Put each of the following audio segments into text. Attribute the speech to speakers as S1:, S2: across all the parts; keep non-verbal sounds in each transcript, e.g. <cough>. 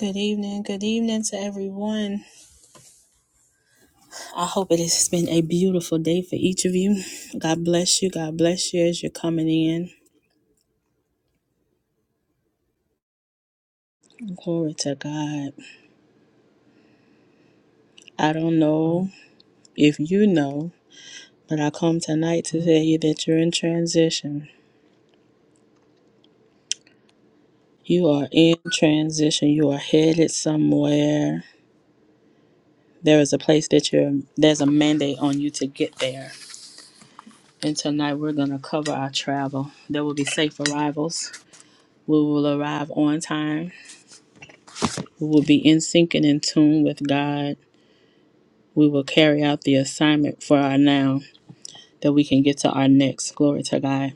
S1: Good evening. Good evening to everyone. I hope it has been a beautiful day for each of you. God bless you. God bless you as you're coming in. Glory to God. I don't know if you know, but I come tonight to tell you that you're in transition. You are in transition. You are headed somewhere. There is a place that you're, there's a mandate on you to get there. And tonight we're going to cover our travel. There will be safe arrivals. We will arrive on time We will be in sync and in tune with God. We will carry out the assignment for our now that we can get to our next. Glory to God.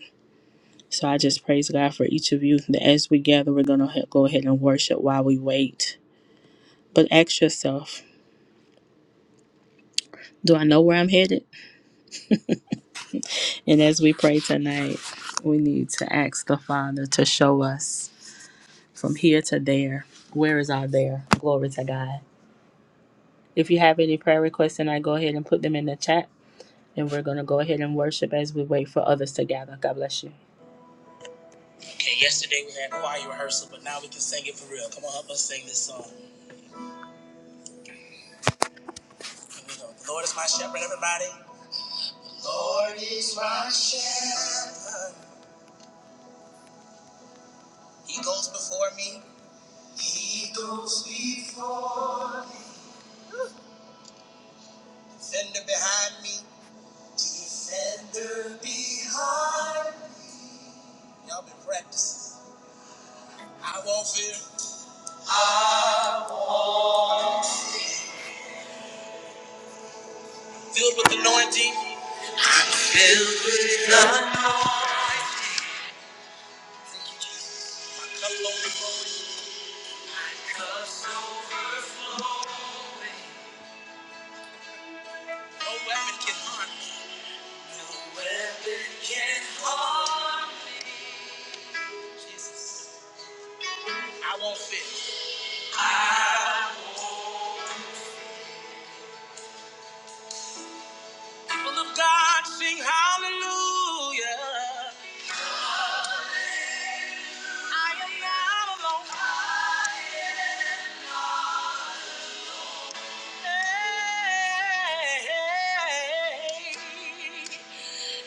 S1: So I just praise God for each of you that as we gather, we're going to go ahead and worship while we wait. But ask yourself, do I know where I'm headed? And as we pray tonight, we need to ask the Father to show us from here to there. Where is our there? Glory to God. If you have any prayer requests tonight, go ahead and put them in the chat Then we're going to go ahead and worship as we wait for others to gather. God bless you. Okay, yesterday we had choir rehearsal, but now we can sing it for real. Come on, help us sing this song. Here we go. The Lord is my shepherd, everybody. Lord is my shepherd. He goes before me. He goes before me. Defender behind me. Defender behind me. Y'all been practicing. I won't fear. Filled with anointing. I'm Filled with anointing. cup Cup's overflowing. No weapon can harm me. No weapon can harm me. Jesus. I won't fit. I won't. People of God sing hallelujah. I am not alone. I am not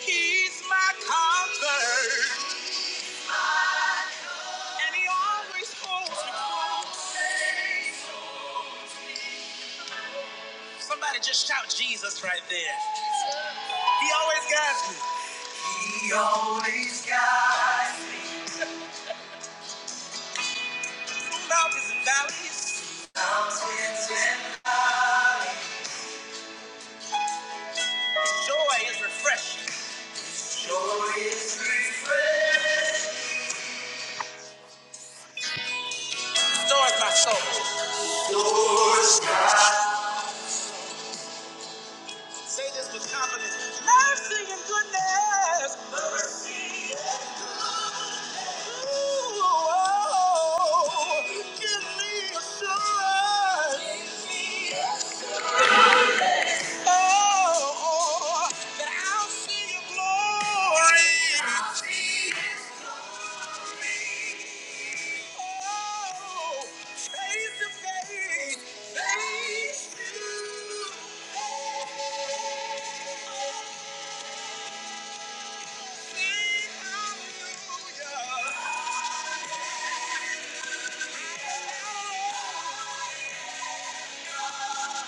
S1: He's my comfort, and he always holds me close. Somebody just shout Jesus right there. He always guides me. He always guides me. Through mountains and valleys. Mountains and valleys. Joy is refreshing. Joy is refreshing. Restores my soul. Lord's God. Say this with confidence. Mercy and goodness. Mercy and goodness. Ooh, oh, oh, oh. give me assurance. Give me assurance. Oh, that I'll see your glory. I'll see his glory. Oh, face to face, face to face. Hallelujah.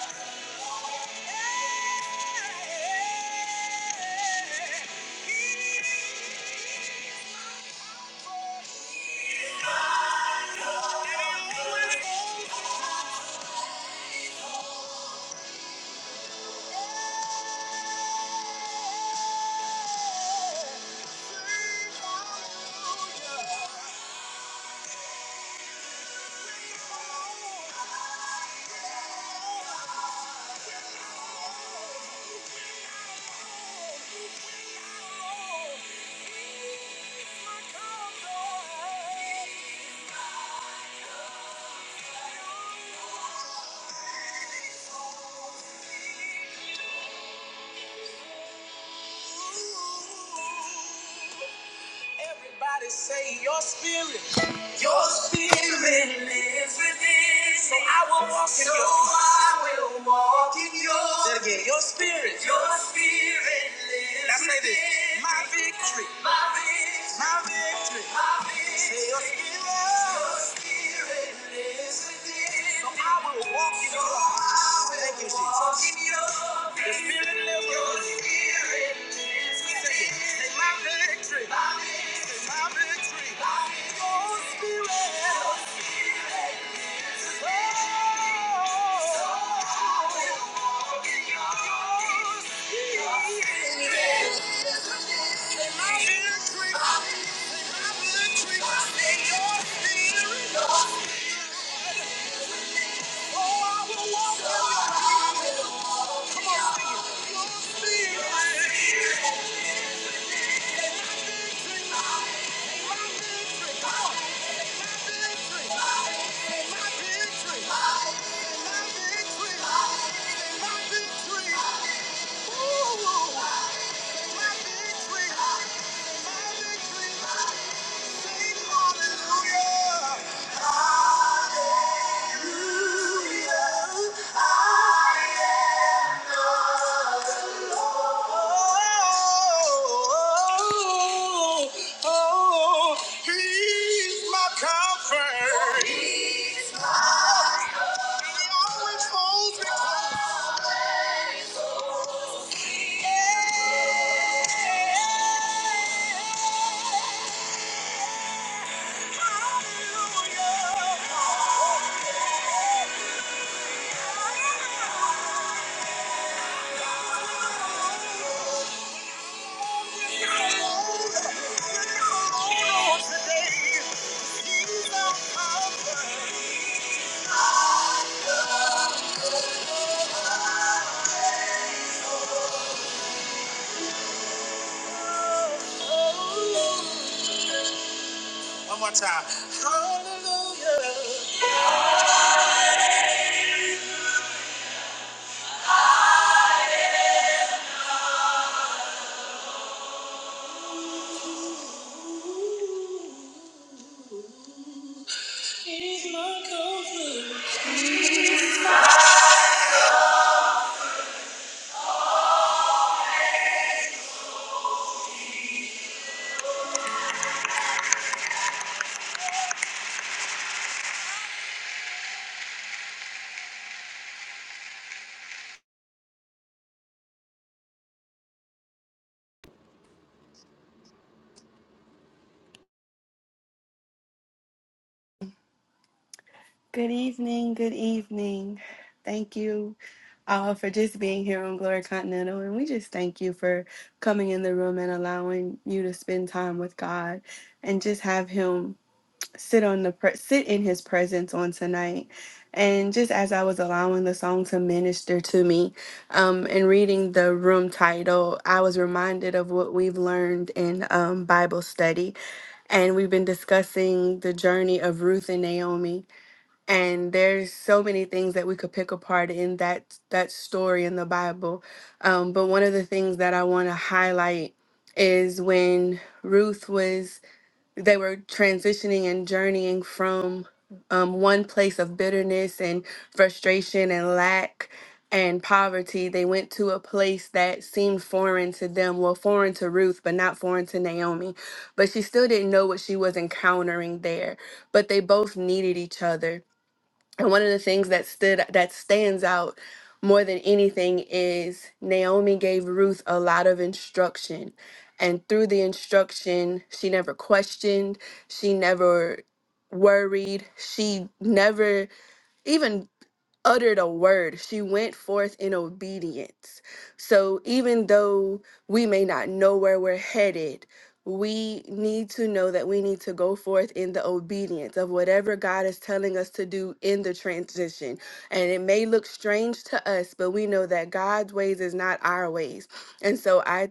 S1: Everybody say your spirit. Your spirit lives within. So I will walk in so your peace. I will walk in your Say it again. Your spirit. Your spirit lives Now say this. within. My victory. My victory. My victory. My victory. Say your spirit. Your spirit lives within. So I will walk in so your I will Thank you, Jesus. Walk in your the spirit lives within. Thank you. Hallelujah! Hallelujah. One more time. Hallelujah.
S2: Good evening. Good evening. Thank you uh, for just being here on Glory Continental. And we just thank you for coming in the room and allowing you to spend time with God and just have Him sit on the pre- sit in his presence on tonight and just as i was allowing the song to minister to me um and reading the room title i was reminded of what we've learned in um bible study and we've been discussing the journey of ruth and naomi and there's so many things that we could pick apart in that that story in the bible um, but one of the things that i want to highlight is when ruth was they were transitioning and journeying from um, one place of bitterness and frustration and lack and poverty they went to a place that seemed foreign to them well foreign to ruth but not foreign to naomi but she still didn't know what she was encountering there but they both needed each other and one of the things that stood that stands out more than anything is Naomi gave Ruth a lot of instruction. And through the instruction, she never questioned, she never worried, she never even uttered a word. She went forth in obedience. So even though we may not know where we're headed, we need to know that we need to go forth in the obedience of whatever God is telling us to do in the transition. And it may look strange to us, but we know that God's ways is not our ways. And so I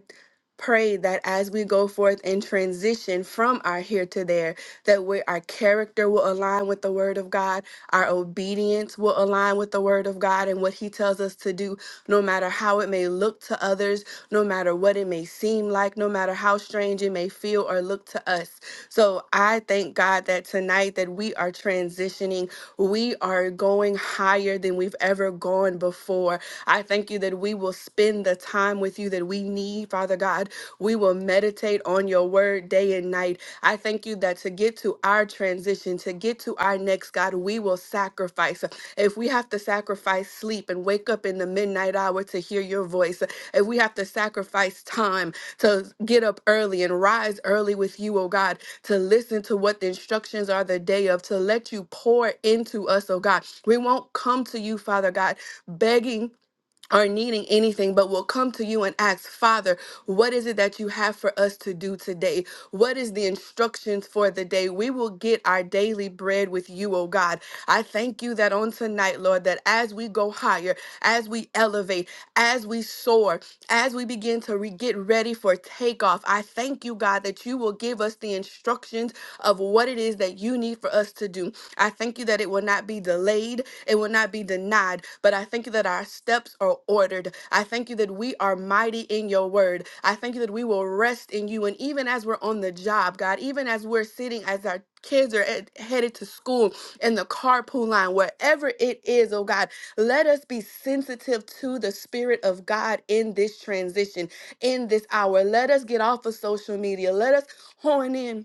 S2: pray that as we go forth and transition from our here to there, that we, our character will align with the Word of God, our obedience will align with the Word of God and what He tells us to do, no matter how it may look to others, no matter what it may seem like, no matter how strange it may feel or look to us. So I thank God that tonight that we are transitioning, we are going higher than we've ever gone before. I thank you that we will spend the time with you that we need, Father God. We will meditate on your word day and night I thank you that to get to our transition, to get to our next, God, we will sacrifice. If we have to sacrifice sleep and wake up in the midnight hour to hear your voice, if we have to sacrifice time to get up early and rise early with you, oh God, to listen to what the instructions are the day of, to let you pour into us, oh God. We won't come to you, Father God, begging are needing anything, but will come to you and ask, Father, what is it that you have for us to do today? What is the instructions for the day? We will get our daily bread with you, oh God. I thank you that on tonight, Lord, that as we go higher, as we elevate, as we soar, as we begin to re- get ready for takeoff, I thank you, God, that you will give us the instructions of what it is that you need for us to do. I thank you that it will not be delayed, it will not be denied, but I thank you that our steps are ordered. I thank you that we are mighty in your word. I thank you that we will rest in you. And even as we're on the job, God, even as we're sitting, as our kids are ed- headed to school in the carpool line, wherever it is, oh God, let us be sensitive to the Spirit of God in this transition, in this hour. Let us get off of social media. Let us hone in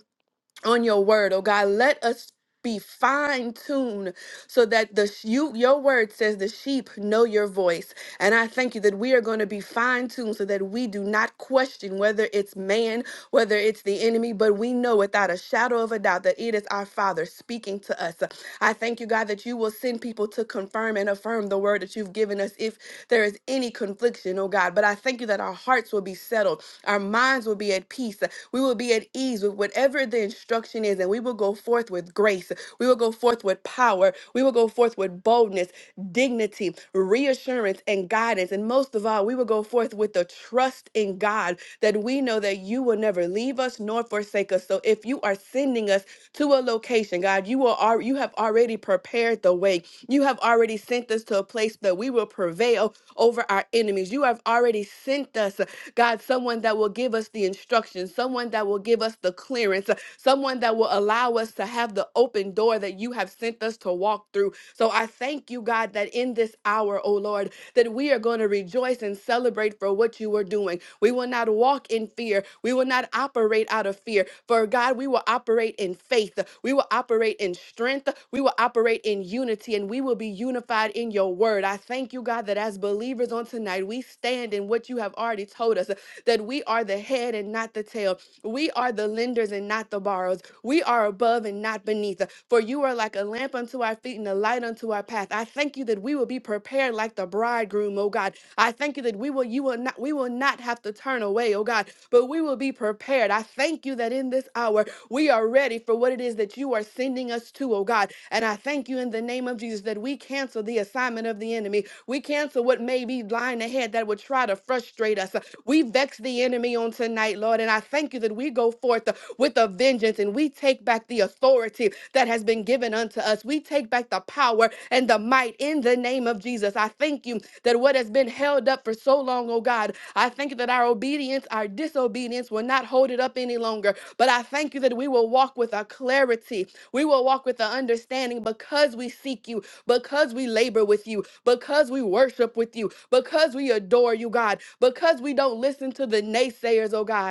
S2: on your word, oh God. Let us be fine tuned so that the sh- you your word says the sheep know your voice and i thank you that we are going to be fine tuned so that we do not question whether it's man whether it's the enemy but we know without a shadow of a doubt that it is our father speaking to us i thank you god that you will send people to confirm and affirm the word that you've given us if there is any confliction oh god but i thank you that our hearts will be settled our minds will be at peace we will be at ease with whatever the instruction is, and we will go forth with grace. We will go forth with power. We will go forth with boldness, dignity, reassurance, and guidance. And most of all, we will go forth with the trust in God that we know that you will never leave us nor forsake us. So if you are sending us to a location, God, you will al- you have already prepared the way. You have already sent us to a place that we will prevail over our enemies. You have already sent us God, someone that will give us the instruction, someone that will give us the clearance, uh, someone that will allow us to have the open door that you have sent us to walk through. So I thank you, God, that in this hour, oh Lord, that we are going to rejoice and celebrate for what you are doing. We will not walk in fear. We will not operate out of fear. For God, we will operate in faith. We will operate in strength. We will operate in unity and we will be unified in your word. I thank you, God, that as believers on tonight, we stand in what you have already told us that we are the head and not the tail. We are the lenders and not the borrowers. We are above and not beneath. For you are like a lamp unto our feet and a light unto our path. I thank you that we will be prepared like the bridegroom, oh God. I thank you that we will you will not we will not have to turn away, oh God, but we will be prepared. I thank you that in this hour we are ready for what it is that you are sending us to, oh God. And I thank you in the name of Jesus that we cancel the assignment of the enemy. We cancel what may be lying ahead that would try to frustrate us. We vex the enemy on tonight, Lord. And I thank you that we go forth with a vengeance and we take back the authority that has been given unto us. We take back the power and the might in the name of Jesus. I thank you that what has been held up for so long, oh God, I thank you that our obedience, our disobedience will not hold it up any longer. But I thank you that we will walk with a clarity. We will walk with an understanding because we seek you, because we labor with you, because we worship with you, because we adore you, God, because we don't listen to the naysayers, oh God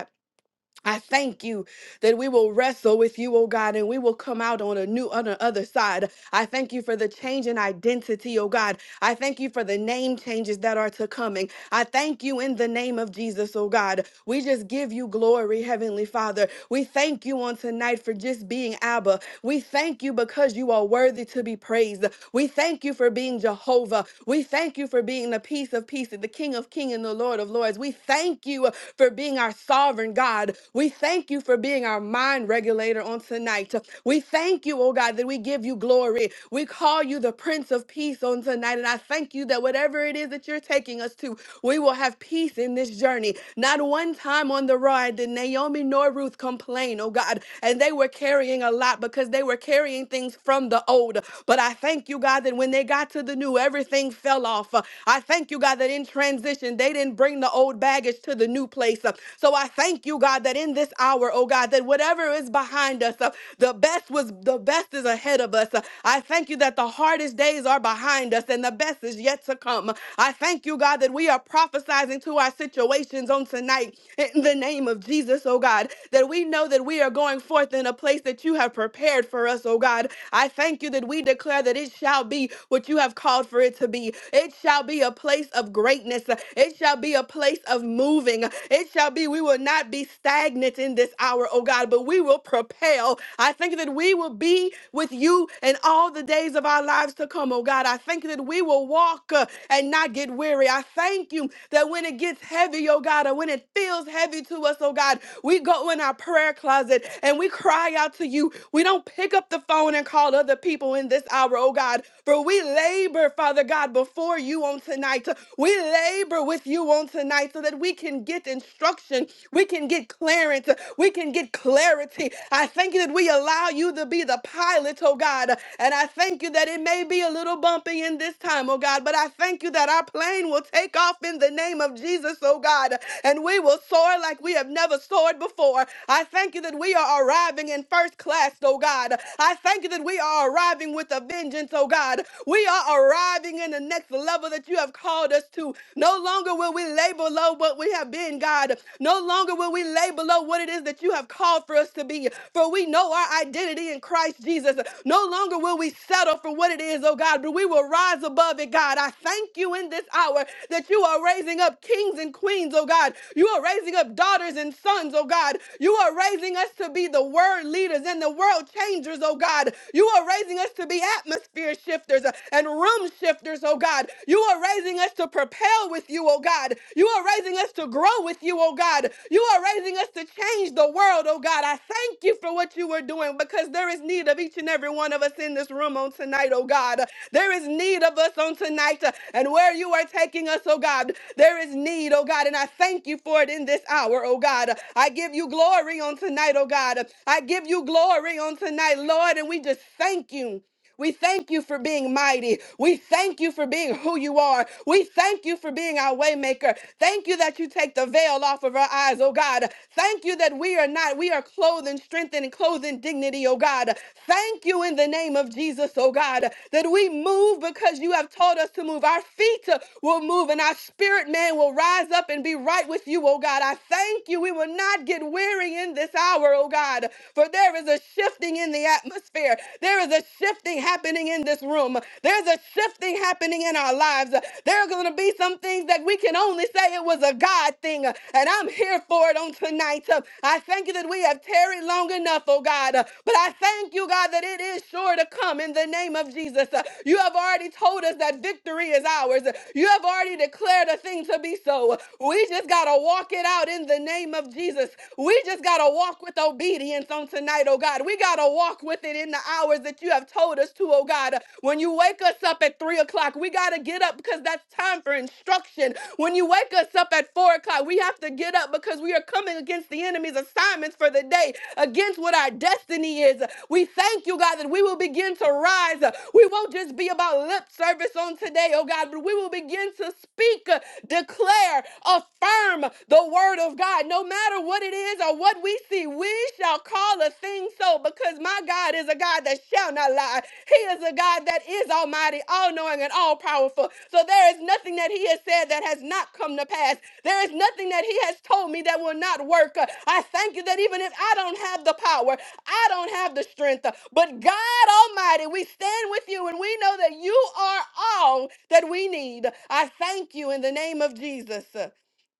S2: I thank you that we will wrestle with you, oh God, and we will come out on a new on the other side. I thank you for the change in identity, oh God. I thank you for the name changes that are to coming. I thank you in the name of Jesus, oh God. We just give you glory, Heavenly Father. We thank you on tonight for just being Abba. We thank you because you are worthy to be praised. We thank you for being Jehovah. We thank you for being the peace of peace, the King of Kings and the Lord of Lords. We thank you for being our sovereign God. We thank you for being our mind regulator on tonight. We thank you, oh God, that we give you glory. We call you the Prince of Peace on tonight. And I thank you that whatever it is that you're taking us to, we will have peace in this journey. Not one time on the ride did Naomi nor Ruth complain, oh God oh God. And they were carrying a lot because they were carrying things from the old. But I thank you, God, that when they got to the new, everything fell off. Uh, I thank you, God, that in transition, they didn't bring the old baggage to the new place. Uh, So I thank you, God, that in this hour, oh God, that whatever is behind us, uh, the best was the best is ahead of us. Uh, I thank you that the hardest days are behind us and the best is yet to come. I thank you, God, that we are prophesizing to our situations on tonight in the name of name of Jesus, oh God, that we know that we are going forth in a place that you have prepared for us, oh God. I thank you that we declare that it shall be what you have called for it to be. It shall be a place of greatness. It shall be a place of moving. It shall be, we will not be stagnant in this hour, oh God, but we will propel. I thank you that we will be with you in all the days of our lives to come, oh God. I thank you that we will walk uh, and not get weary. I thank you that when it gets heavy, heavy, oh God, and when it feels heavy to us, oh God, we go in our prayer closet and we cry out to you. We don't pick up the phone and call other people in this hour, oh God, for we labor, Father God, before you on tonight. We labor with you on tonight so that we can get instruction, we can get clearance, we can get clarity. I thank you that we allow you to be the pilot, oh God, and I thank you that it may be a little bumpy in this time, oh God, but I thank you that our plane chain will take off in the name of Jesus, oh God, and we will soar like we have never soared before. I thank you that we are arriving in first class, oh God. I thank you that we are arriving with a vengeance, oh God. We are arriving in the next level that you have called us to. No longer will we lay below what we have been, God. No longer will we lay below what it is that you have called for us to be, for we know our identity in Christ Jesus. No longer will we settle for what it is, oh God, but we will rise rise above it, God. I thank you in this hour that you are raising up kings and queens, oh God. You are raising up daughters and sons, oh God. You are raising us to be the word leaders and the world changers, oh God. You are raising us to be atmosphere shifters and room shifters, oh God. You are raising us to propel with you, oh God. You are raising us to grow with you, oh God. You are raising us to change the world, oh God. I thank you for what you are doing because there is need of each and every one of us in this room, room on tonight, oh God. There is need of us on tonight uh, and where you are taking us, oh God. There is need, oh God, and I thank you for it in this hour, oh God. I give you glory on tonight, oh God. I give you glory on tonight, Lord, and we just thank you. We thank you for being mighty. We thank you for being who you are. We thank you for being our waymaker. Thank you that you take the veil off of our eyes, oh God. Thank you that we are not, we are clothed in strength and clothed in dignity, oh God. God. Thank you in the name of Jesus, oh God, that we move because you have taught us to move. Our feet uh, will move and our spirit man will rise up and be right with you, oh God. I thank you. We will not get weary in this hour, oh God, for there is a shifting in the atmosphere. There is a shifting happening in this room. There's a shifting happening in our lives. There are going to be some things that we can only say it was a God thing, and I'm here for it on tonight. I thank you that we have tarried long enough, oh God. Uh, But I thank you, God, that it is sure to come in the name of Jesus. Uh, You have already told us that victory is ours. Uh, You have already declared a thing to be so. Uh, We just got to walk it out in the name of Jesus. We just got to walk with obedience on tonight, oh God. We got to walk with it in the hours that you have told us to, oh God. Uh, When you wake us up at three o'clock, we got to get up because that's time for instruction. When you wake us up at four o'clock, we have to get up because we are are coming against the enemy's assignments for the day, against what our destiny is. We thank you, God, that we will begin to rise. We won't just be about lip service on today, oh God, but we will begin to speak, uh, declare, affirm the word of God. No matter what it is or what we see, we shall call a thing so because my God is a God that shall not lie. He is a God that is almighty, all knowing, and all powerful. So there is nothing that He has said that has not come to pass. There is nothing that he has told me that will not work. Uh, I thank you that even if I don't have the power, I don't have the strength, uh, but God Almighty, we stand with you and we know that you are all that we need. I thank you in the name of Jesus uh,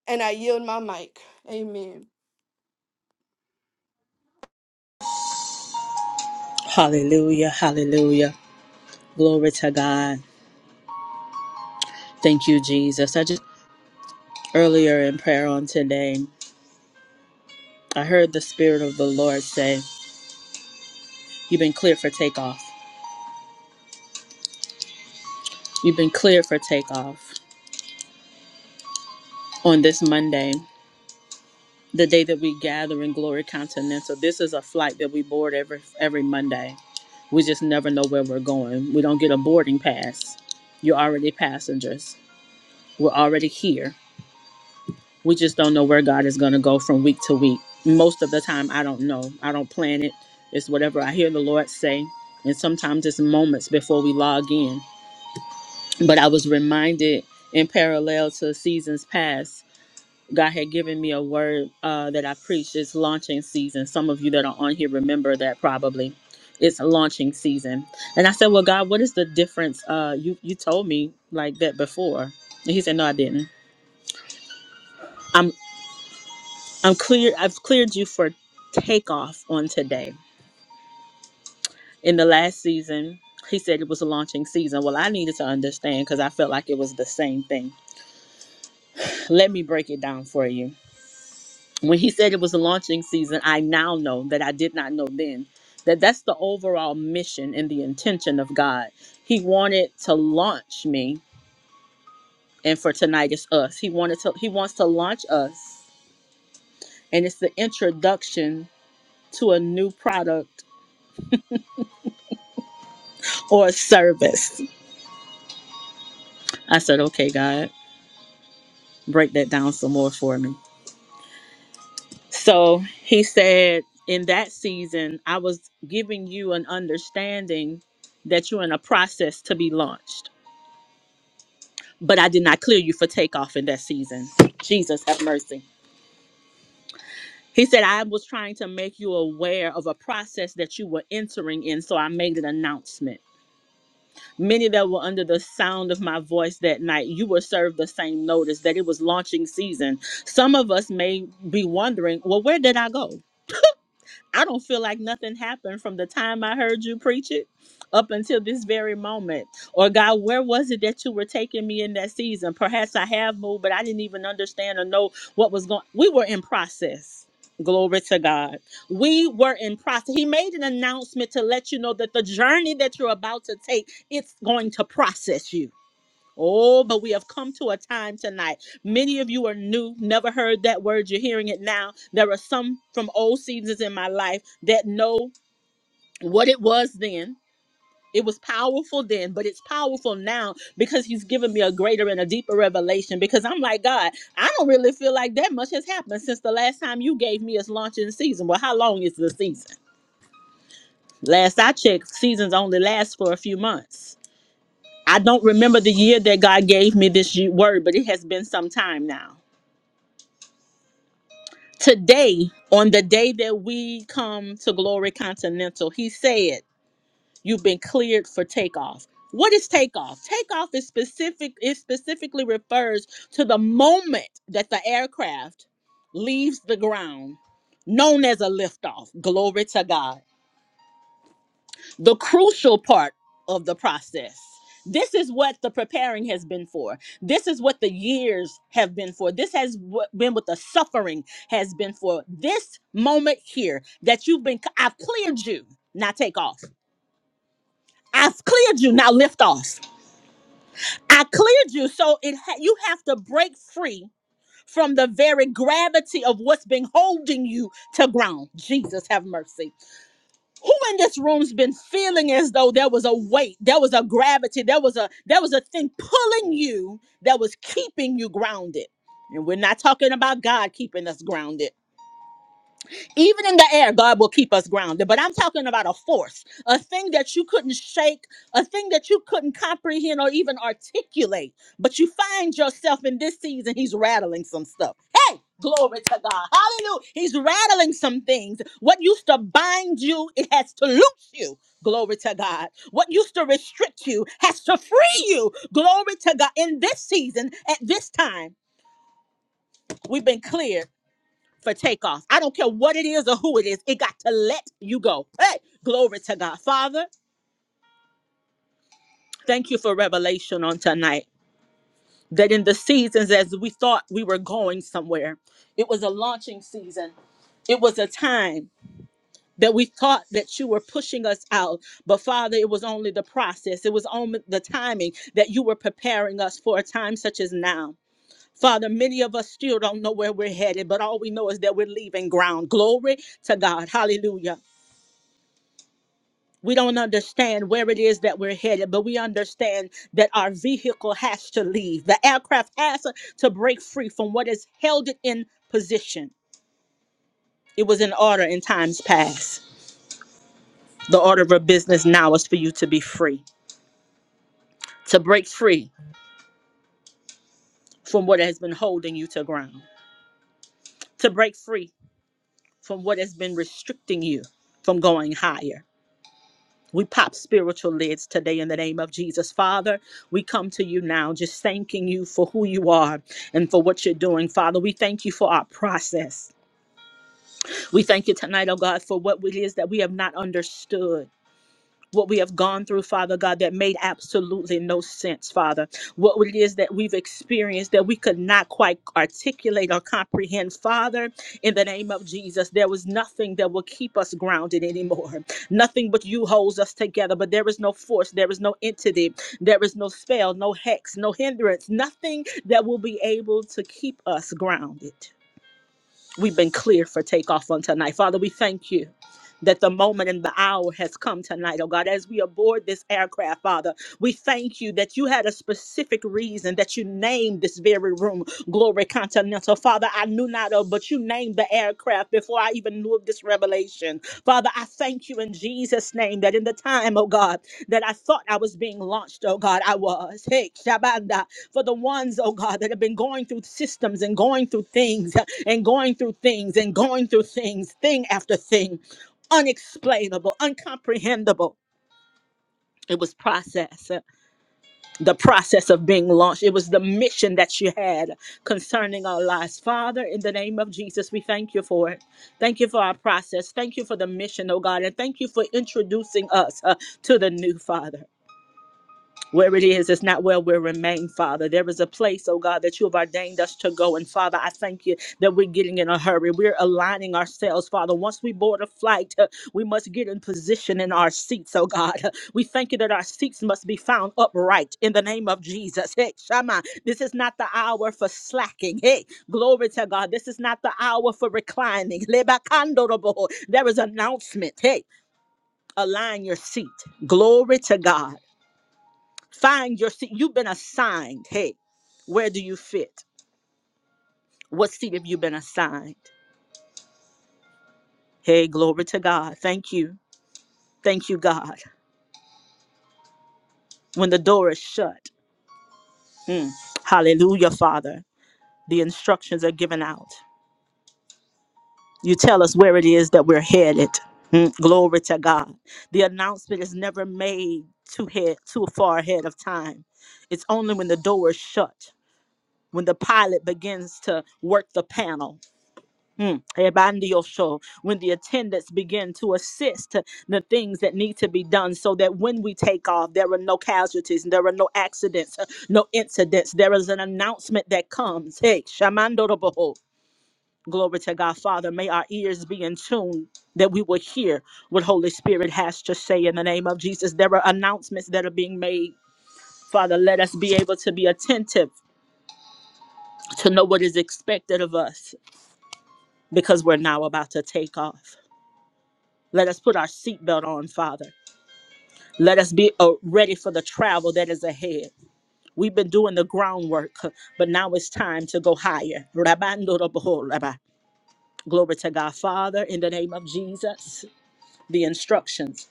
S2: and I yield my mic. Amen.
S1: Hallelujah. Hallelujah. Glory to God. Thank you, Jesus. I just earlier in prayer on today, I heard the Spirit of the Lord say, You've been cleared for takeoff. You've been cleared for takeoff on this Monday, the day that we gather in Glory Continental. This is a flight that we board every every Monday. We just never know where we're going. We don't get a boarding pass. You're already passengers. We're already here. We just don't know where God is going to go from week to week. Most of the time, I don't know. I don't plan it. It's whatever I hear the Lord say. And sometimes it's moments before we log in. But I was reminded in parallel to seasons past God had given me a word uh, that I preached. It's launching season. Some of you that are on here remember that probably. It's launching season, and I said, "Well, God, what is the difference? Uh, you you told me like that before." And He said, "No, I didn't. I'm I'm clear. I've cleared you for takeoff on today. In the last season." He said it was a launching season. Well, I needed to understand because I felt like it was the same thing. Let me break it down for you. when he said it was a launching season, I now know that I did not know then that that's the overall mission and the intention of God. He wanted to launch me, and for tonight it's us. He wanted to. He wants to launch us, and it's the introduction to a new product or a service. I said, okay, God, break that down some more for me. So he said, in that season, I was giving you an understanding that you're in a process to be launched but I did not clear you for takeoff in that season. Jesus have mercy. He said, I was trying to make you aware of a process that you were entering in, so I made an announcement. Many that were under the sound of my voice that night, you were served the same notice that it was launching season. Some of us may be wondering, well, where did I go? I don't feel like nothing happened from the time I heard you preach it up until this very moment. Or God, where was it that you were taking me in that season? Perhaps I have moved, but I didn't even understand or know what was going. We were in process. Glory to God. We were in process. He made an announcement to let you know that the journey that you're about to take, it's going to process you Oh, but we have come to a time tonight. Many of you are new, never heard that word. You're hearing it now. There are some from old seasons in my life that know what it was then. It was powerful then, but it's powerful now because he's given me a greater and a deeper revelation. Because I'm like, God, I don't really feel like that much has happened since the last time you gave me us launching season. Well, how long is the season? Last I checked, seasons only last for a few months. I don't remember the year that God gave me this ye- word, but it has been some time now. Today, on the day that we come to Glory Continental, he said, You've been cleared for takeoff. What is takeoff? Takeoff is specific, it specifically refers to the moment that the aircraft leaves the ground, known as a liftoff. Glory to God. the crucial part of the process. This is what the preparing has been for. This is what the years have been for. This has what, been what the suffering has been for. This moment here that you've been, I've cleared you. Now take off. I've cleared you. Now lift off. I cleared you. So it ha- you have to break free from the very gravity of what's been holding you to ground. Jesus have mercy. who in this room's been feeling as though there was a weight there was a gravity there was a there was a thing pulling you that was keeping you grounded and we're not talking about god keeping us grounded even in the air, God will keep us grounded. But I'm talking about a force, a thing that you couldn't shake, a thing that you couldn't comprehend or even articulate. But you find yourself in this season, He's rattling some stuff. Hey, glory to God. Hallelujah. He's rattling some things. What used to bind you, it has to loose you. Glory to God. What used to restrict you has to free you. Glory to God. In this season, at this time, we've been cleared for takeoff. I don't care what it is or who it is. It got to let you go. Hey, glory to God. Father, thank you for revelation on tonight. That in the seasons as we thought we were going somewhere, it was a launching season. It was a time that we thought that you were pushing us out. But Father, it was only the process. It was only the timing that you were preparing us for a time such as now. Father, many of us still don't know where we're headed, but all we know is that we're leaving ground. Glory to God. Hallelujah. We don't understand where it is that we're headed, but we understand that our vehicle has to leave. The aircraft has to break free from what has held it in position. It was in order in times past. The order of your business now is for you to be free, to break free from what has been holding you to ground, to break free from what has been restricting you from going higher. We pop spiritual lids today in the name of Jesus. Father, we come to you now just thanking you for who you are and for what you're doing. Father, we thank you for our process. We thank you tonight, oh God, for what it is that we have not understood what we have gone through, Father God, that made absolutely no sense, Father. What it is that we've experienced that we could not quite articulate or comprehend, Father, in the name of Jesus, there was nothing that will keep us grounded anymore. Nothing but you holds us together, but there is no force, there is no entity, there is no spell, no hex, no hindrance, nothing that will be able to keep us grounded. We've been cleared for takeoff on tonight. Father, we thank you that the moment and the hour has come tonight, oh God, as we aboard this aircraft, Father. We thank you that you had a specific reason that you named this very room, Glory Continental. Father, I knew not of, but you named the aircraft before I even knew of this revelation. Father, I thank you in Jesus' name that in the time, oh God, that I thought I was being launched, oh God, I was. Hey, Shabanda. For the ones, oh God, that have been going through systems and going through things and going through things and going through things, thing after thing, unexplainable, uncomprehendable. It was process, uh, the process of being launched. It was the mission that you had concerning our lives. Father, in the name of Jesus, we thank you for it. Thank you for our process. Thank you for the mission, oh God. And thank you for introducing us uh, to the new Father. Where it is, it's not where we remain, Father. There is a place, oh God, that you have ordained us to go. And Father, I thank you that we're getting in a hurry. We're aligning ourselves, Father. Once we board a flight, uh, we must get in position in our seats, oh God. <laughs> We thank you that our seats must be found upright in the name of Jesus. Hey, Shama, this is not the hour for slacking. Hey, glory to God. This is not the hour for reclining. <laughs> Lebakandorobo. There is announcement. Hey, align your seat. Glory to God. Find your seat. You've been assigned. Hey, where do you fit? What seat have you been assigned? Hey, glory to God. Thank you. Thank you, God. When the door is shut, mm, hallelujah, Father, the instructions are given out. You tell us where it is that we're headed. Mm, glory to God. The announcement is never made too, head, too far ahead of time. It's only when the door is shut, when the pilot begins to work the panel, Mm, Ebandiyosho, When the attendants begin to assist the things that need to be done so that when we take off, there are no casualties, there are no accidents, uh, no incidents. There is an announcement that comes. Hey, Shamandoroboho. Glory to God, Father. May our ears be in tune that we will hear what Holy Spirit has to say in the name of Jesus. There are announcements that are being made. Father, let us be able to be attentive to know what is expected of us because we're now about to take off. Let us put our seatbelt on, Father. Let us be uh, ready for the travel that is ahead. We've been doing the groundwork, but now it's time to go higher. Rabando roboho rabba. Glory to God, Father, in the name of Jesus. The instructions,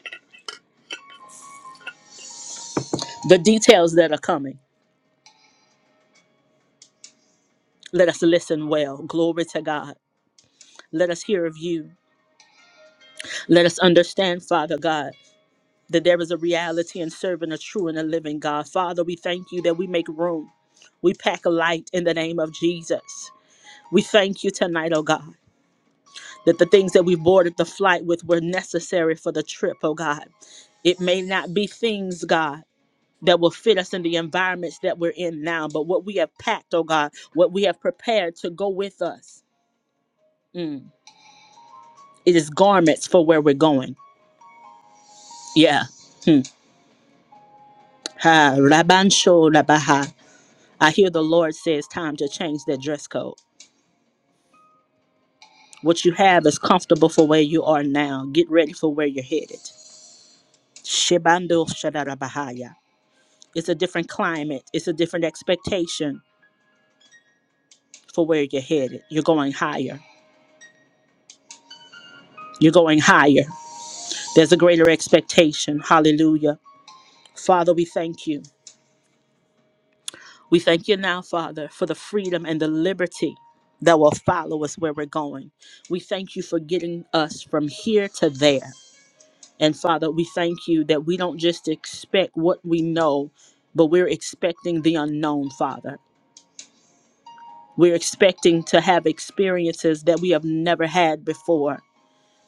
S1: the details that are coming. Let us listen well. Glory to God. Let us hear of you. Let us understand, Father God, that there is a reality in serving a true and a living God. Father, we thank you that we make room. We pack a light in the name of Jesus. We thank you tonight, oh God, that the things that we boarded the flight with were necessary for the trip, oh God. It may not be things, God. That will fit us in the environments that we're in now. But what we have packed, oh God, what we have prepared to go with us, mm, it is garments for where we're going. Yeah. Hmm. Ha, rabansho rabaha. I hear the Lord says time to change that dress code. What you have is comfortable for where you are now. Get ready for where you're headed. Shibando It's a different climate. It's a different expectation for where you're headed. You're going higher. You're going higher. There's a greater expectation. Hallelujah. Father, we thank you. We thank you now, Father, for the freedom and the liberty that will follow us where we're going. We thank you for getting us from here to there. And Father, we thank you that we don't just expect what we know, but we're expecting the unknown, Father. We're expecting to have experiences that we have never had before.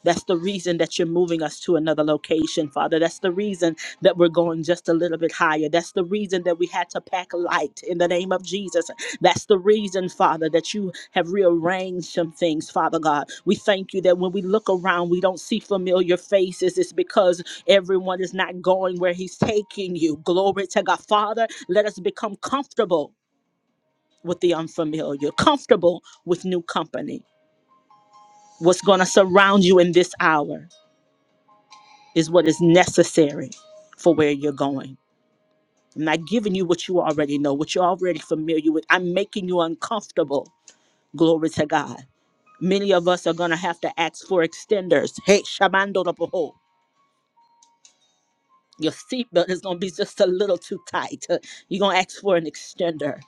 S1: That's the reason that you're moving us to another location, Father. That's the reason that we're going just a little bit higher. That's the reason that we had to pack light in the name of Jesus. That's the reason, Father, that you have rearranged some things, Father God. We thank you that when we look around, we don't see familiar faces. It's because everyone is not going where He's taking you. Glory to God. Father, let us become comfortable with the unfamiliar, comfortable with new company. What's going to surround you in this hour? is what is necessary for where you're going. I'm not giving you what you already know, what you're already familiar with. I'm making you uncomfortable. Glory to God. Many of us are going to have to ask for extenders. Hey, Shamando Raboho, your seatbelt is going to be just a little too tight. Uh, You're going to ask for an extender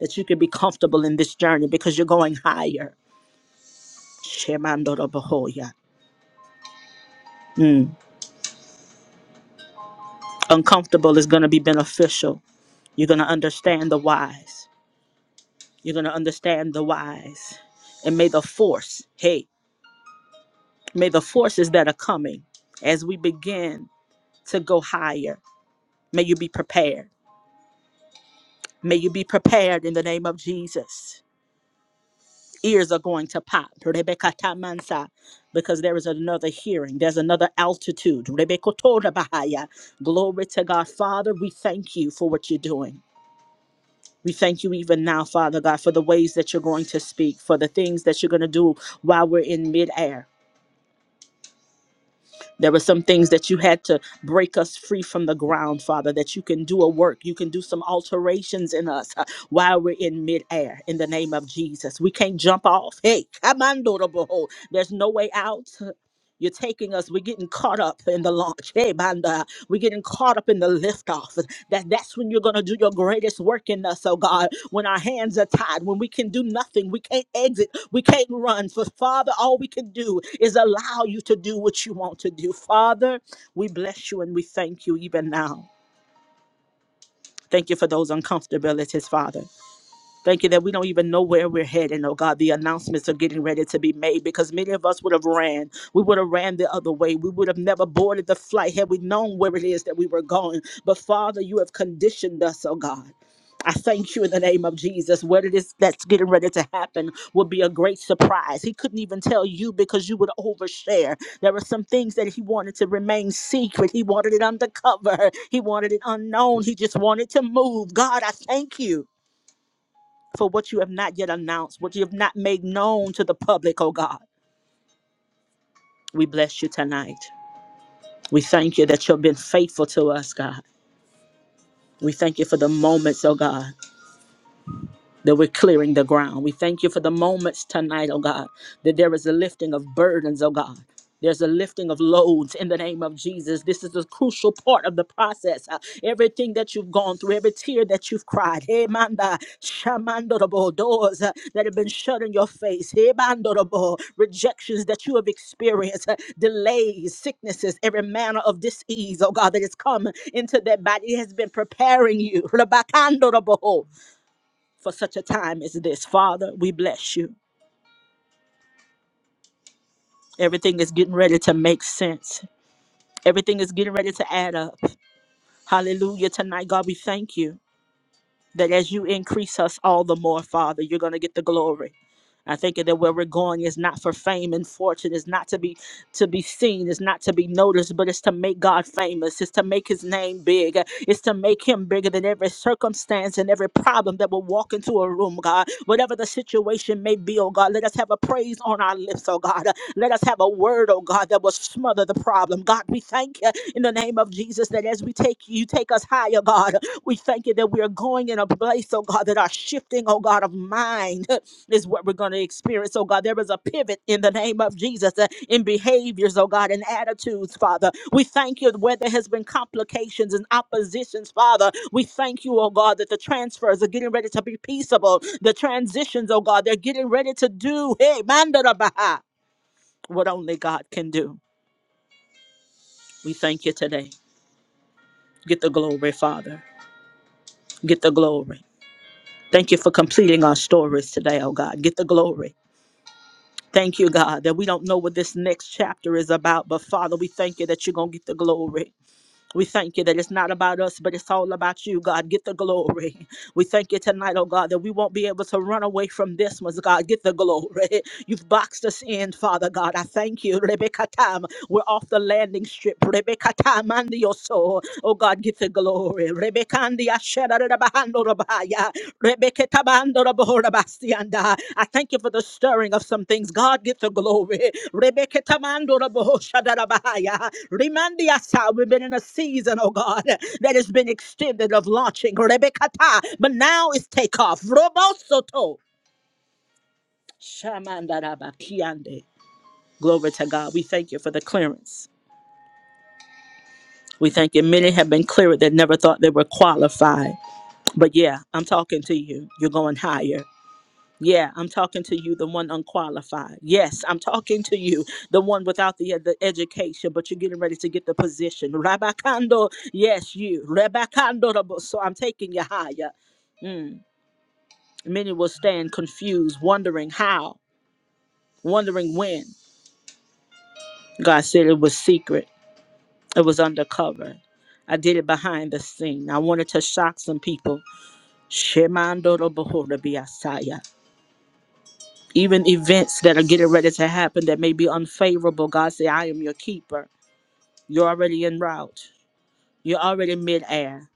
S1: that you can be comfortable in this journey because you're going higher. Shemando Raboho, yeah. Mm. Uncomfortable is going to be beneficial. You're going to understand the whys. You're going to understand the whys. And may the force, hey, may the forces that are coming as we begin to go higher, may you be prepared. May you be prepared in the name of Jesus. Ears are going to pop. Rebecca Tamansa, Because there is another hearing. There's another altitude. Rebecca Toda Glory to God. Father, we thank you for what you're doing. We thank you even now, Father God, for the ways that you're going to speak, for the things that you're going to do while we're in midair. There were some things that you had to break us free from the ground, Father, that you can do a work. You can do some alterations in us uh, while we're in midair in the name of Jesus. We can't jump off. Hey, Kamando Roboho. there's no way out. You're taking us. We're getting caught up in the launch. Hey, Banda. We're getting caught up in the liftoff. That that's when you're gonna do your greatest work in us, oh God. When our hands are tied, when we can do nothing, we can't exit. We can't run. For Father, all we can do is allow you to do what you want to do. Father, we bless you and we thank you even now. Thank you for those uncomfortabilities, Father. Thank you that we don't even know where we're heading, oh God. The announcements are getting ready to be made because many of us would have ran. We would have ran the other way. We would have never boarded the flight had we known where it is that we were going. But Father, you have conditioned us, oh God. I thank you in the name of Jesus. What it is that's getting ready to happen will be a great surprise. He couldn't even tell you because you would overshare. There were some things that he wanted to remain secret. He wanted it undercover. He wanted it unknown. He just wanted to move. God, I thank you for what you have not yet announced, what you have not made known to the public, oh God. We bless you tonight. We thank you that you've been faithful to us, God. We thank you for the moments, oh God. that we're clearing the ground. We thank you for the moments tonight, oh God, that there is a lifting of burdens, oh God. There's a lifting of loads in the name of Jesus. This is a crucial part of the process. Uh, everything that you've gone through, every tear that you've cried, hey, manda, shamandorabo, doors uh, that have been shut in your face, hey, mandorabo, rejections that you have experienced, uh, delays, sicknesses, every manner of disease, oh God, that has come into that body has been preparing you. <laughs> Rabakandorabo, for such a time as this. Father, we bless you. Everything is getting ready to make sense. Everything is getting ready to add up. Hallelujah. Tonight, God, we thank you. that as you increase us all the more, Father, you're going to get the glory. I think that where we're going is not for fame and fortune. is not to be to be seen. is not to be noticed, but it's to make God famous. It's to make His name big. It's to make Him bigger than every circumstance and every problem that will walk into a room, God. Whatever the situation may be, oh God, let us have a praise on our lips, oh God. Let us have a word, oh God, that will smother the problem. God, we thank you in the name of Jesus that as we take you, take Take us higher, God. We thank you that we are going in a place, oh God, that our shifting, oh God, of mind <laughs> is what we're going to experience, oh God. There is a pivot in the name of Jesus uh, in behaviors, oh God, and attitudes, Father. We thank you where there has been complications and oppositions, Father. We thank you, oh God, that the transfers are getting ready to be peaceable. The transitions, oh God, they're getting ready to do, hey, mandarabaha, what only God can do. We thank you today. Get the glory, Father. Get the glory. Thank you for completing our stories today, oh God. Get the glory. Thank you, God, that we don't know what this next chapter is about, but Father, we thank you that you're going to get the glory. We thank you that it's not about us, but it's all about you, God. Get the glory. We thank you tonight, oh God, that we won't be able to run away from this one, God. Get the glory. <laughs> You've boxed us in, Father God. I thank you. Rebecca time. We're off the landing strip. Rebecca time under your soul. Oh God, get the glory. Rebecca and the Ashera Rabahando Rabaya. Rebeketabandorabohorabasianda. I thank you for the stirring of some things. God, get the glory. Rebeketamandorabohoshadabahaya. Rimandiasa, We've been in a season, oh God, that has been extended of launching. Rebekata, But now it's takeoff. Robosoto. Shamandarabakiande. Glory to God. We thank you for the clearance. We thank you. Many have been cleared that never thought they were qualified. But yeah, I'm talking to you. You're going higher. Yeah, I'm talking to you, the one unqualified. Yes, I'm talking to you, the one without the, uh, the education, but you're getting ready to get the position. Rabakando, yes, you. Rabakando, rabo- so I'm taking you higher. Mm. Many will stand confused, wondering how, wondering when. God said it was secret, it was undercover. I did it behind the scene. I wanted to shock some people. Shemando robohora biasaya. even events that are getting ready to happen that may be unfavorable, God say, I am your keeper. You're already en route. You're already midair.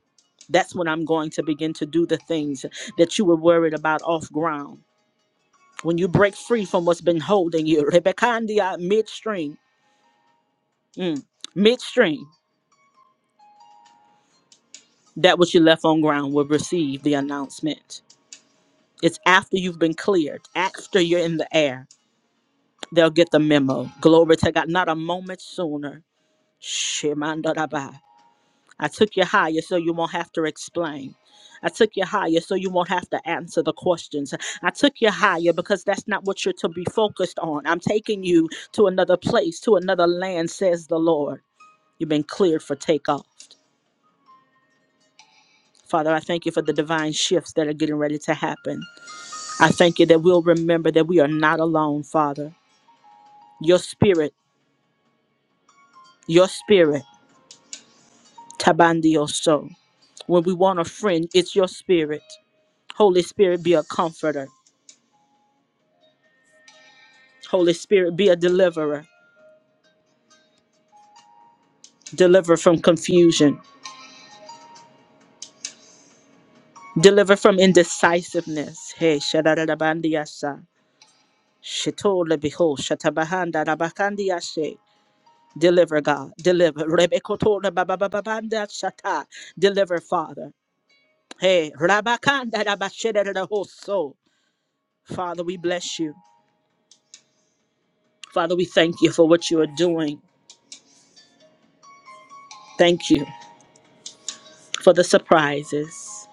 S1: That's when I'm going to begin to do the things that you were worried about off ground. When you break free from what's been holding you, Rebekandia midstream, mm, midstream, that which you left on ground will receive the announcement. It's after you've been cleared, after you're in the air, they'll get the memo. Glory to God, not a moment sooner. Shemandarabai. I took you higher so you won't have to explain. I took you higher so you won't have to answer the questions. I took you higher because that's not what you're to be focused on. I'm taking you to another place, to another land, says the Lord. You've been cleared for takeoff. Father, I thank you for the divine shifts that are getting ready to happen. I thank you that we'll remember that we are not alone, Father. Your spirit, your spirit, Tabandioso. When we want a friend, it's your spirit. Holy Spirit, be a comforter. Holy Spirit, be a deliverer. Deliver from confusion. Deliver from indecisiveness. Hey, shadarabandiasa. Shitole beho, shatabahanda rabakandiashe. Deliver, God. Deliver. Rebekotola babababanda shata. Deliver, Father. Hey, rabakanda rabashederahoso. Father, we bless you. Father, we thank you for what you are doing. Thank you for the surprises.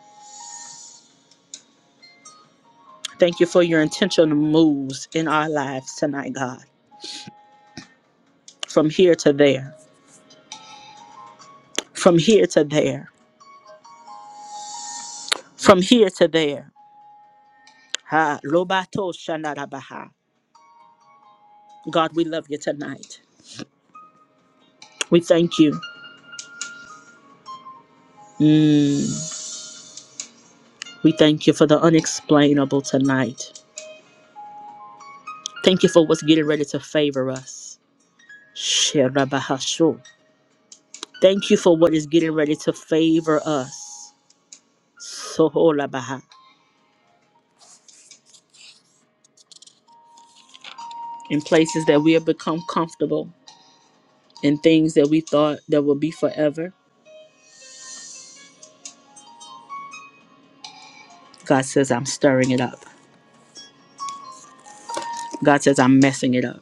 S1: Thank you for your intentional moves in our lives tonight, God. from here to there, from here to there, from here to there. Ha, lobato shanarabaha. God, we love you tonight. We thank you. Mm, we thank you for the unexplainable tonight. Thank you for what's getting ready to favor us. Sherabahashu. Thank you for what is getting ready to favor us. Soholabaha. In places that we have become comfortable, in things that we thought that would be forever, God says, I'm stirring it up. God says, I'm messing it up.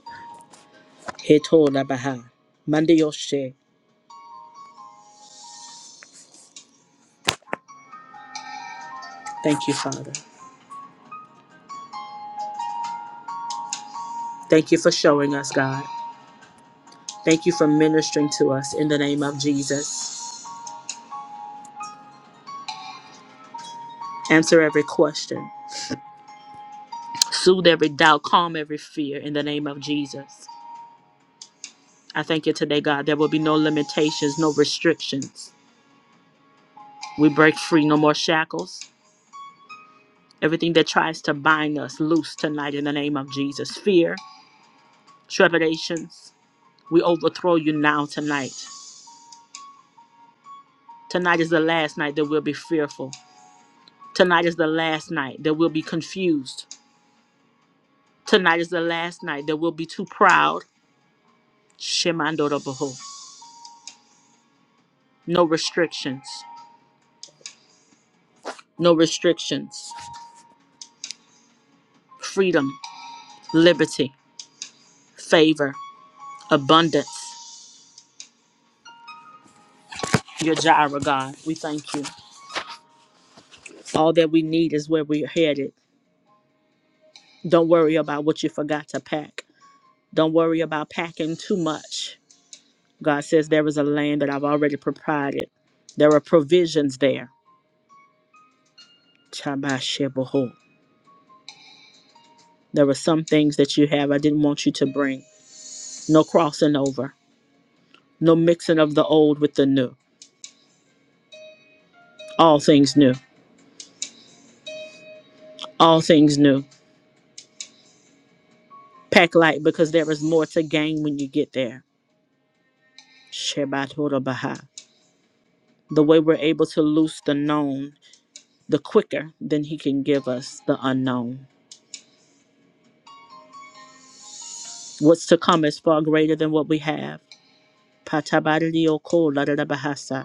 S1: Heto labaha. yoshe. Thank you, Father. Thank you for showing us, God. Thank you for ministering to us in the name of Jesus. Answer every question, soothe every doubt, calm every fear in the name of Jesus. I thank you today, God. There will be no limitations, no restrictions. We break free, no more shackles. Everything that tries to bind us loose tonight in the name of Jesus. Fear, trepidations, we overthrow you now tonight Tonight is the last night that we'll be fearful. Tonight is the last night that we'll be confused. Tonight is the last night that we'll be too proud. Shemandoroboho. No restrictions. No restrictions. Freedom, liberty, favor, abundance. Your Jireh, God, we thank you. All that we need is where we're headed. Don't worry about what you forgot to pack. Don't worry about packing too much. God says there is a land that I've already provided. There are provisions there Tabashabaho. There were some things that you have I didn't want you to bring. No crossing over. No mixing of the old with the new. All things new. All things new. Pack light because there is more to gain when you get there. Shabbat Baha. The way we're able to loose the known, the quicker than he can give us the unknown. What's to come is far greater than what we have. Patabadioko Ladadabahasa.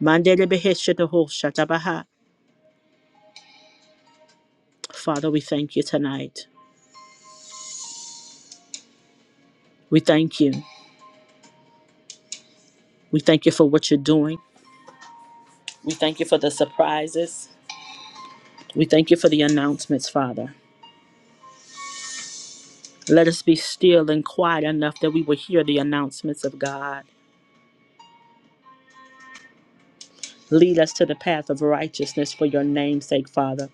S1: Mandele Beheshataho Shatabaha. Father, we thank you tonight. We thank you. We thank you for what you're doing. We thank you for the surprises. We thank you for the announcements, Father. Let us be still and quiet enough that we will hear the announcements of God. Lead us to the path of righteousness for your name's sake, Father.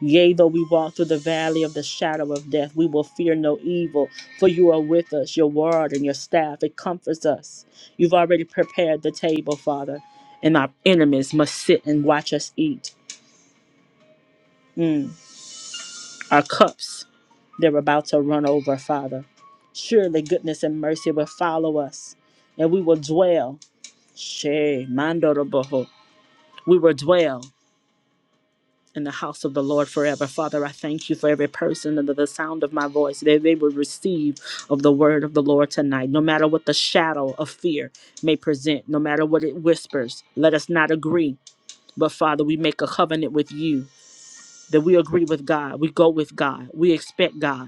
S1: Yea, though we walk through the valley of the shadow of death, we will fear no evil, for you are with us. Your word and your staff, it comforts us. You've already prepared the table, Father, and our enemies must sit and watch us eat. Mm. Our cups, they're about to run over, Father. Surely goodness and mercy will follow us, and we will dwell. She mandoroboho. We will dwell in the house of the Lord forever. Father, I thank you for every person under the sound of my voice that they will receive of the word of the Lord tonight, no matter what the shadow of fear may present, no matter what it whispers. Let us not agree, but Father, we make a covenant with you that we agree with God, we go with God, we expect God.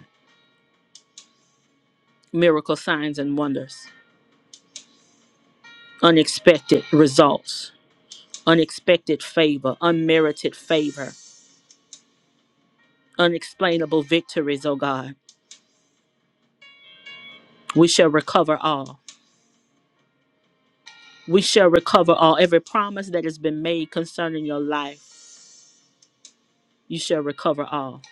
S1: miracle signs and wonders, unexpected results, unexpected favor, unmerited favor, unexplainable victories, O God. We shall recover all. We shall recover all. Every promise that has been made concerning your life, you shall recover all.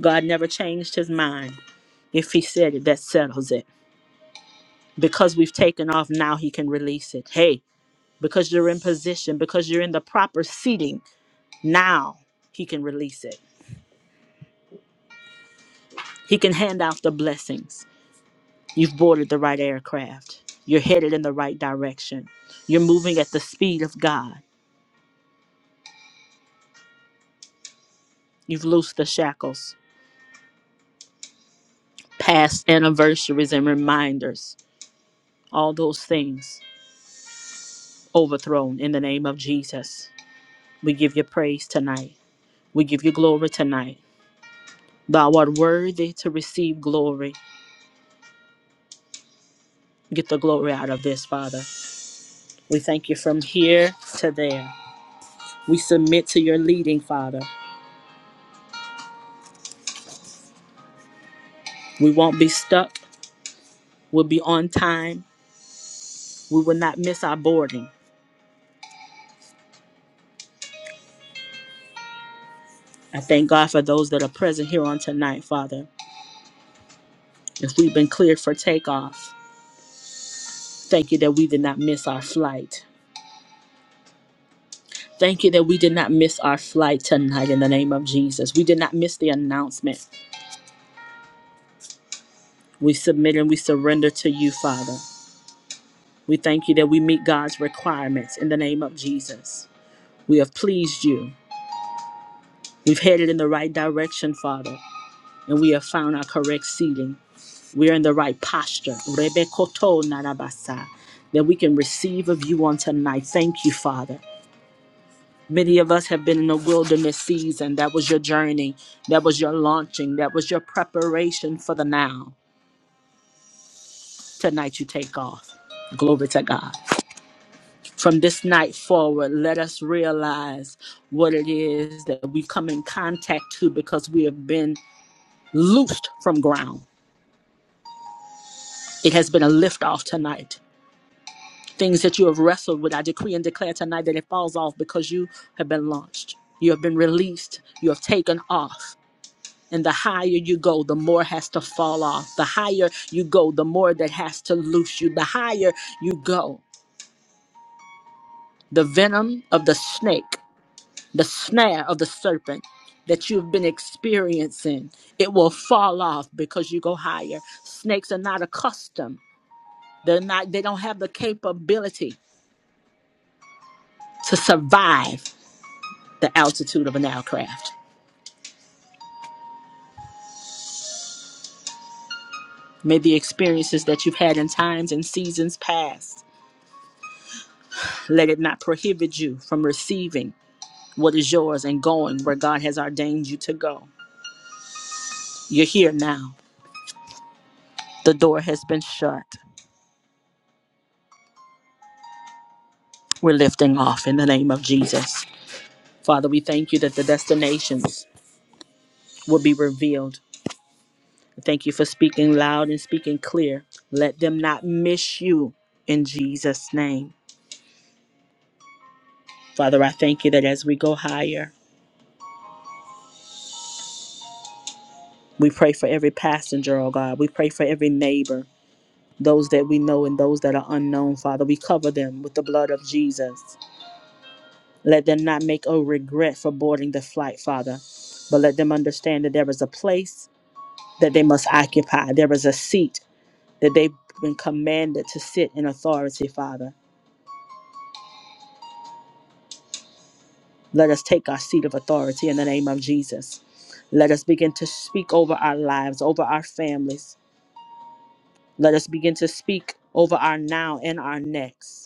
S1: God never changed his mind. If he said it, that settles it. Because we've taken off, now he can release it. Hey, because you're in position, because you're in the proper seating, now he can release it He can hand out the blessings. You've boarded the right aircraft. You're headed in the right direction. You're moving at the speed of God. You've loosed the shackles, past anniversaries and reminders, all those things overthrown in the name of Jesus. We give you praise tonight. We give you glory tonight. Thou art worthy to receive glory. Get the glory out of this, Father. We thank you from here to there. We submit to your leading, Father. We won't be stuck. We'll be on time. We will not miss our boarding. I thank God for those that are present here on tonight, Father. If we've been cleared for takeoff, thank you that we did not miss our flight. Thank you that we did not miss our flight tonight in the name of Jesus. We did not miss the announcement. We submit and we surrender to you, Father. We thank you that we meet God's requirements in the name of Jesus. We have pleased you. We've headed in the right direction, Father, and we have found our correct seating. we're in the right posture. Rebekoto narabasa, That we can receive of you on tonight. Thank you, Father. Many of us have been in a wilderness season. That was your journey. That was your launching. That was your preparation for the now. Tonight you take off. Glory to God. From this night forward, let us realize what it is that we come in contact to because we have been loosed from ground. It has been a lift off tonight. Things that you have wrestled with, I decree and declare tonight that it falls off because you have been launched. You have been released. You have taken off. And the higher you go, the more has to fall off. The higher you go, the more that has to loose you. The higher you go, the venom of the snake, the snare of the serpent that you've been experiencing, it will fall off because you go higher. Snakes are not accustomed. They're not, they don't have the capability to survive the altitude of an aircraft. May the experiences that you've had in times and seasons past, let it not prohibit you from receiving what is yours and going where God has ordained you to go. You're here now. The door has been shut. We're lifting off in the name of Jesus. Father, we thank you that the destinations will be revealed. Thank you for speaking loud and speaking clear. Let them not miss you in Jesus' name. Father, I thank you that as we go higher, We pray for every passenger, oh God. We pray for every neighbor, those that we know and those that are unknown, Father. We cover them with the blood of Jesus. Let them not make a regret for boarding the flight, Father, but let them understand that there is a place that they must occupy, there is a seat that they've been commanded to sit in authority, Father. Let us take our seat of authority in the name of Jesus. Let us begin to speak over our lives, over our families. Let us begin to speak over our now and our next.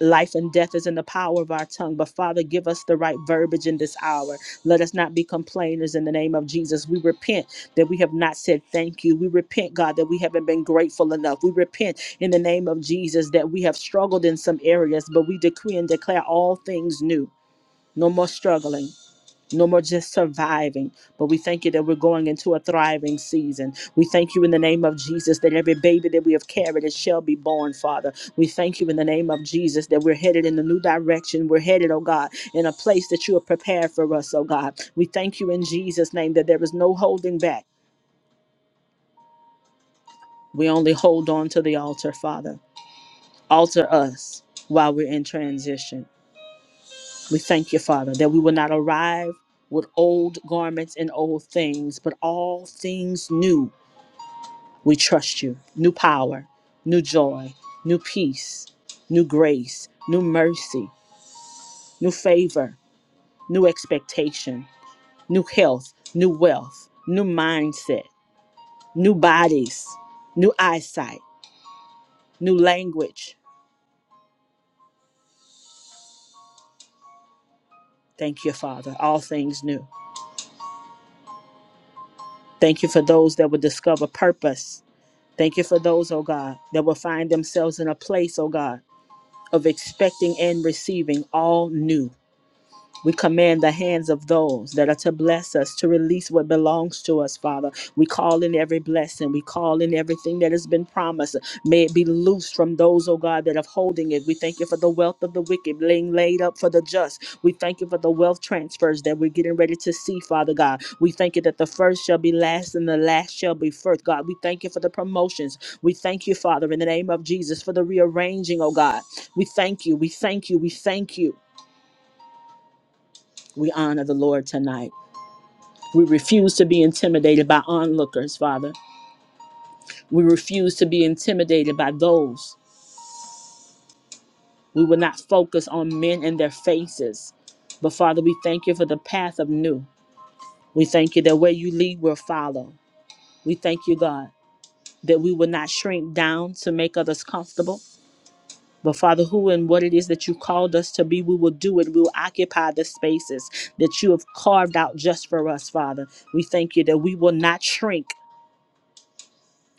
S1: Life and death is in the power of our tongue, but Father, give us the right verbiage in this hour. Let us not be complainers in the name of Jesus. We repent that we have not said thank you. We repent, God, that we haven't been grateful enough. We repent in the name of Jesus that we have struggled in some areas, but we decree and declare all things new. No more struggling. No more just surviving, but we thank you that we're going into a thriving season. We thank you in the name of Jesus that every baby that we have carried it shall be born, Father. We thank you in the name of Jesus that we're headed in a new direction. We're headed, oh God, in a place that you have prepared for us, oh God. We thank you in Jesus' name that there is no holding back. We only hold on to the altar, Father. Alter us while we're in transition. We thank you, Father, that we will not arrive with old garments and old things, but all things new. We trust you. New power, new joy, new peace, new grace, new mercy, new favor, new expectation, new health, new wealth, new mindset, new bodies, new eyesight, new language. Thank you, Father. All things new. Thank you for those that will discover purpose Thank you for those, oh God, that will find themselves in a place, oh God, of expecting and receiving all new. We command the hands of those that are to bless us to release what belongs to us, Father. We call in every blessing. We call in everything that has been promised. May it be loosed from those, oh God, that are holding it. We thank you for the wealth of the wicked being laid up for the just. We thank you for the wealth transfers that we're getting ready to see, Father God. We thank you that the first shall be last and the last shall be first, God. We thank you for the promotions. We thank you, Father, in the name of Jesus, for the rearranging, oh God. We thank you. We thank you. We thank you. We honor the Lord tonight. We refuse to be intimidated by onlookers, Father. We refuse to be intimidated by those. We will not focus on men and their faces. But Father, we thank you for the path of new. We thank you that where you lead, we'll follow. We thank you, God, that we will not shrink down to make others comfortable. But Father, who and what it is that you called us to be, we will do it. We will occupy the spaces that you have carved out just for us, Father. We thank you that we will not shrink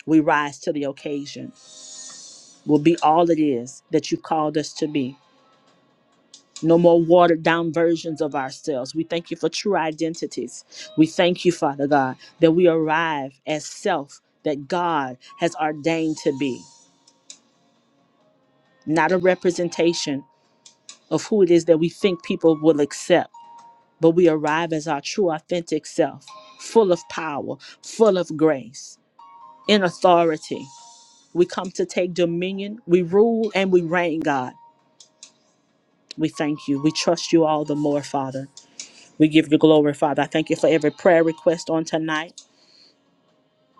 S1: We rise to the occasion. We'll be all it is that you called us to be. No more watered down versions of ourselves. We thank you for true identities. We thank you, Father God, that we arrive as self that God has ordained to be, not a representation of who it is that we think people will accept, but we arrive as our true, authentic self, full of power, full of grace, in authority. We come to take dominion. We rule and we reign, God. We thank you. We trust you all the more, Father. We give you glory, Father. I thank you for every prayer request on tonight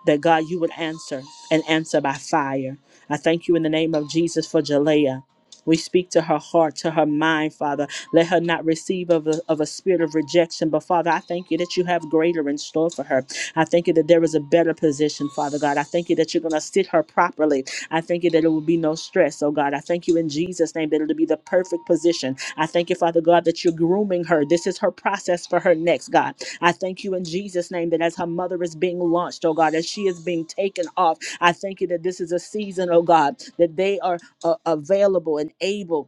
S1: that God, you would answer and answer by fire. I thank you in the name of Jesus for Jalea. We speak to her heart, to her mind, Father. Let her not receive of a, of a spirit of rejection. But, Father, I thank you that you have greater in store for her. I thank you that there is a better position, Father God. I thank you that you're going to sit her properly. I thank you that it will be no stress, oh God. I thank you in Jesus' name name, that it'll be the perfect position. I thank you, Father God, that you're grooming her. This is her process for her next, God. I thank you in Jesus' name that as her mother is being launched, oh God, as she is being taken off, I thank you that this is a season, oh God, that they are uh, available and able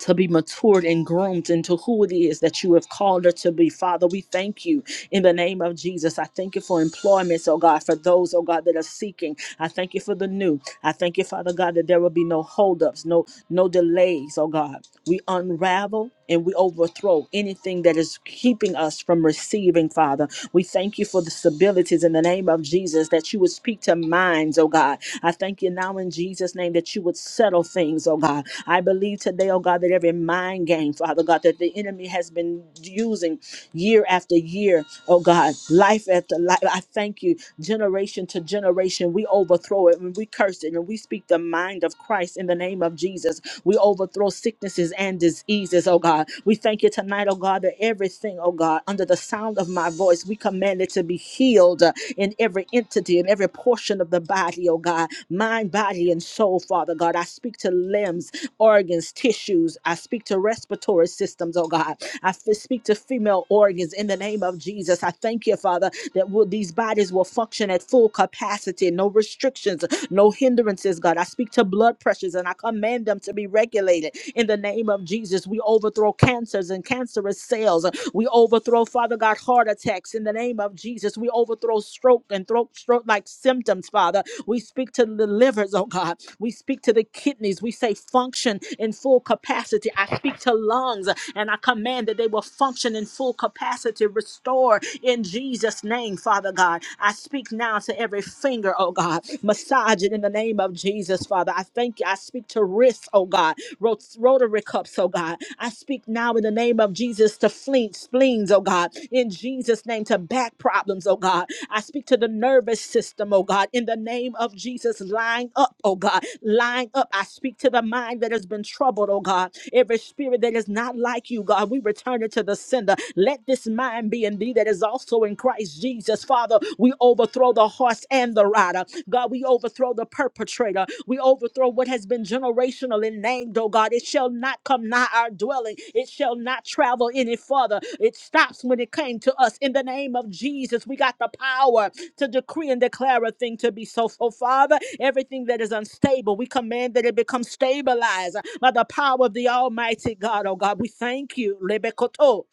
S1: to be matured and groomed into who it is that you have called her to be. Father, we thank you in the name of Jesus. I thank you for employments, oh God, for those, oh God, that are seeking. I thank you for the new. I thank you, Father God, that there will be no holdups, no, no delays, oh God. We unravel and we overthrow anything that is keeping us from receiving, Father. We thank you for the stabilities in the name of Jesus that you would speak to minds, oh God. I thank you now in Jesus' name that you would settle things, oh God. I believe today, oh God, that every mind game, Father God, that the enemy has been using year after year, oh God, life after life. I thank you, generation to generation, we overthrow it and we curse it and we speak the mind of Christ in the name of Jesus. Jesus. We overthrow sicknesses and diseases, oh God. We thank you tonight, oh God, that everything, oh God, under the sound of my voice, we command it to be healed uh, in every entity, in every portion of the body, oh God, mind, body, and soul, Father God. I speak to limbs, organs, tissues. I speak to respiratory systems, oh God. I f- speak to female organs in the name of Jesus. I thank you, Father, that will these bodies will function at full capacity, no restrictions, no hindrances clearances, God. I speak to blood pressures and I command them to be regulated in the name of Jesus. We overthrow cancers and cancerous cells. We overthrow, Father God, heart attacks in the name of Jesus. We overthrow stroke and throat stroke like symptoms, Father. We speak to the livers, oh God. We speak to the kidneys. We say function in full capacity. I speak to lungs and I command that they will function in full capacity, restore in Jesus' name, Father God. I speak now to to every finger, oh God. Massage it in the name of Jesus, Father. I thank you. I speak to wrists, oh God. Rot- Rotary cups, oh God. I speak now in the name of Jesus to fleen, spleens, oh God. In Jesus' name to back problems, oh God. I speak to the nervous system, oh God. In the name of Jesus, lying up, oh God. Lying up. I speak to the mind that has been troubled, oh God. Every spirit that is not like you, God, we return it to the sender. Let this mind be in thee that is also in Christ Jesus, Father, we overthrow the horse and the rider. God, we overthrow the perpetrator. We overthrow what has been generational and named, oh God. It shall not come nigh our dwelling. It shall not travel any further. It stops when it came to us. In the name of Jesus, we got the power to decree and declare a thing to be so. So, Father, everything that is unstable, we command that it become stabilized by the power of the Almighty God, oh God. We thank you. Lebekoto.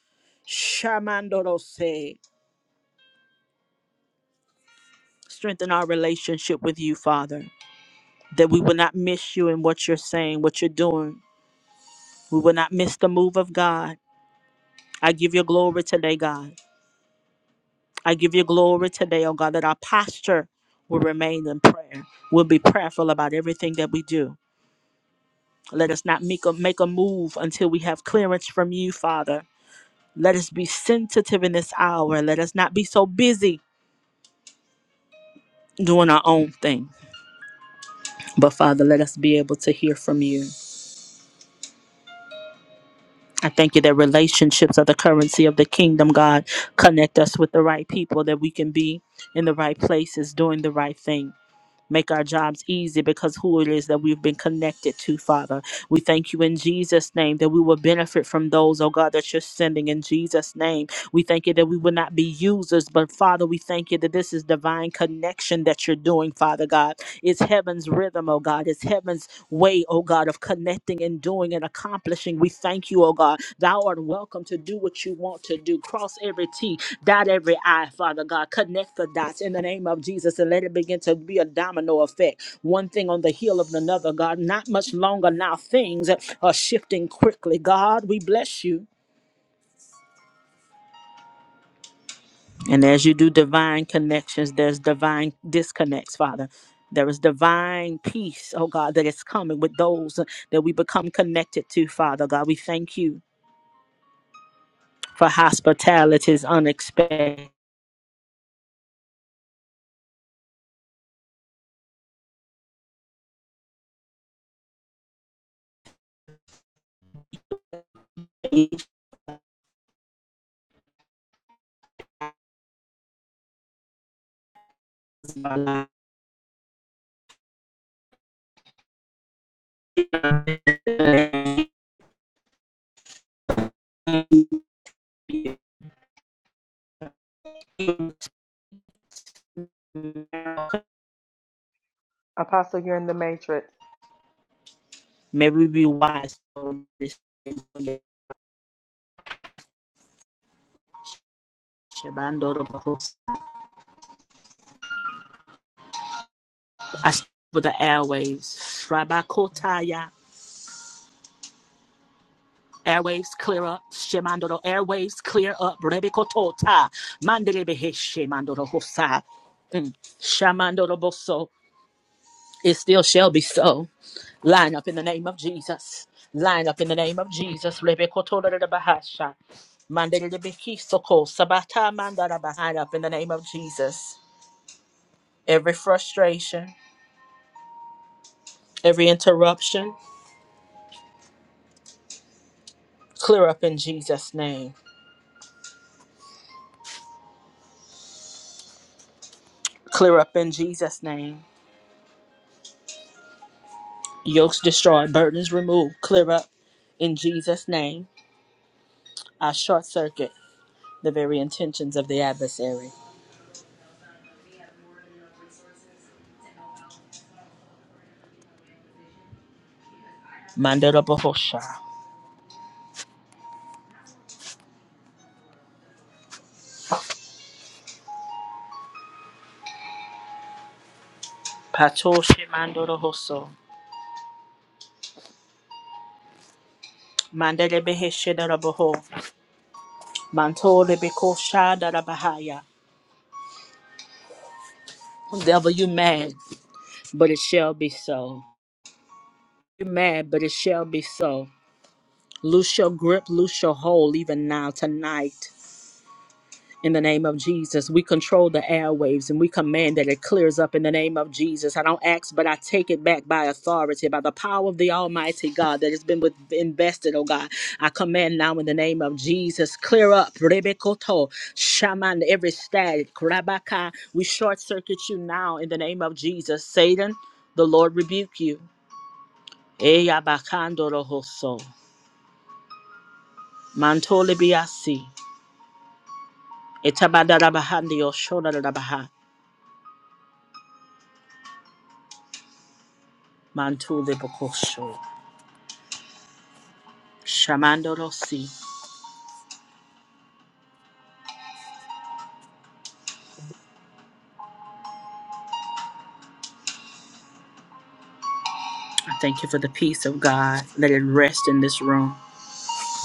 S1: Shamandorose. Strengthen our relationship with you, Father, that we will not miss you in what you're saying, what you're doing. We will not miss the move of God. I give you glory today, God. I give you glory today, oh God, that our posture will remain in prayer. We'll be prayerful about everything that we do. Let us not make a, make a move until we have clearance from you, Father. Let us be sensitive in this hour. Let us not be so busy doing our own thing. But Father, let us be able to hear from you. I thank you that relationships are the currency of the kingdom, God. Connect us with the right people that we can be in the right places doing the right thing. Make our jobs easy because who it is that we've been connected to, Father. We thank you in Jesus' name that we will benefit from those, oh God, that you're sending in Jesus' name. We thank you that we will not be users, but Father, we thank you that this is divine connection that you're doing, Father God. It's heaven's rhythm, oh God. It's heaven's way, oh God, of connecting and doing and accomplishing. We thank you, oh God. Thou art welcome to do what you want to do. Cross every T, Dot every I, Father God. Connect the dots in the name of Jesus and let it begin to be a domino effect. One thing on the heel of another, God. Not much longer now. Things are shifting quickly. God, we bless you. And as you do divine connections, there's divine disconnects, Father. There is divine peace, oh God, that is coming with those that we become connected to, Father God. We thank you for hospitality is unexpected. May
S3: Apostle, you're in the matrix.
S1: we be wise. Shabandorobos. I speak with the airways. Rabakotaya. Airways clear up. Shemandoro. Airways clear up. Rebekotota. Mandelebe Shemandorohosa. Mm. Shamandoroboso. It still shall be so. Line up in the name of Jesus. Line up in the name of Jesus. Rebekotorebahasha. Mandelebekisoko. Sabata Mandara. Line up in the name of Jesus. Every frustration, every interruption. Clear up in Jesus' name. Clear up in Jesus' name. Yokes destroyed, burdens removed. Clear up in Jesus' name. I short circuit the very intentions of the adversary. Mandela Bohosha. Patoshe Mandoro Hoso. Mandele Beheshe Daraboho. Mantole Bekosha Darabahaya. Devil, you mad, but it shall be so. You mad, but it shall be so. Loose your grip, loose your hold, even now, tonight. in the name of Jesus. We control the airwaves and we command that it clears up in the name of Jesus. I don't ask, but I take it back by authority, by the power of the Almighty God that has been with, invested, oh God. I command now in the name of Jesus, clear up, Rebekoto, shaman, every static, Rabaka. We short circuit you now in the name of Jesus. Satan, the Lord rebuke you. Eya bakandorohoso, Mantole biasi. Etabadarabahandio shodarabahai. Mantule Bokosho. Shamandorosi. I thank you for the peace of God. Let it rest in this room.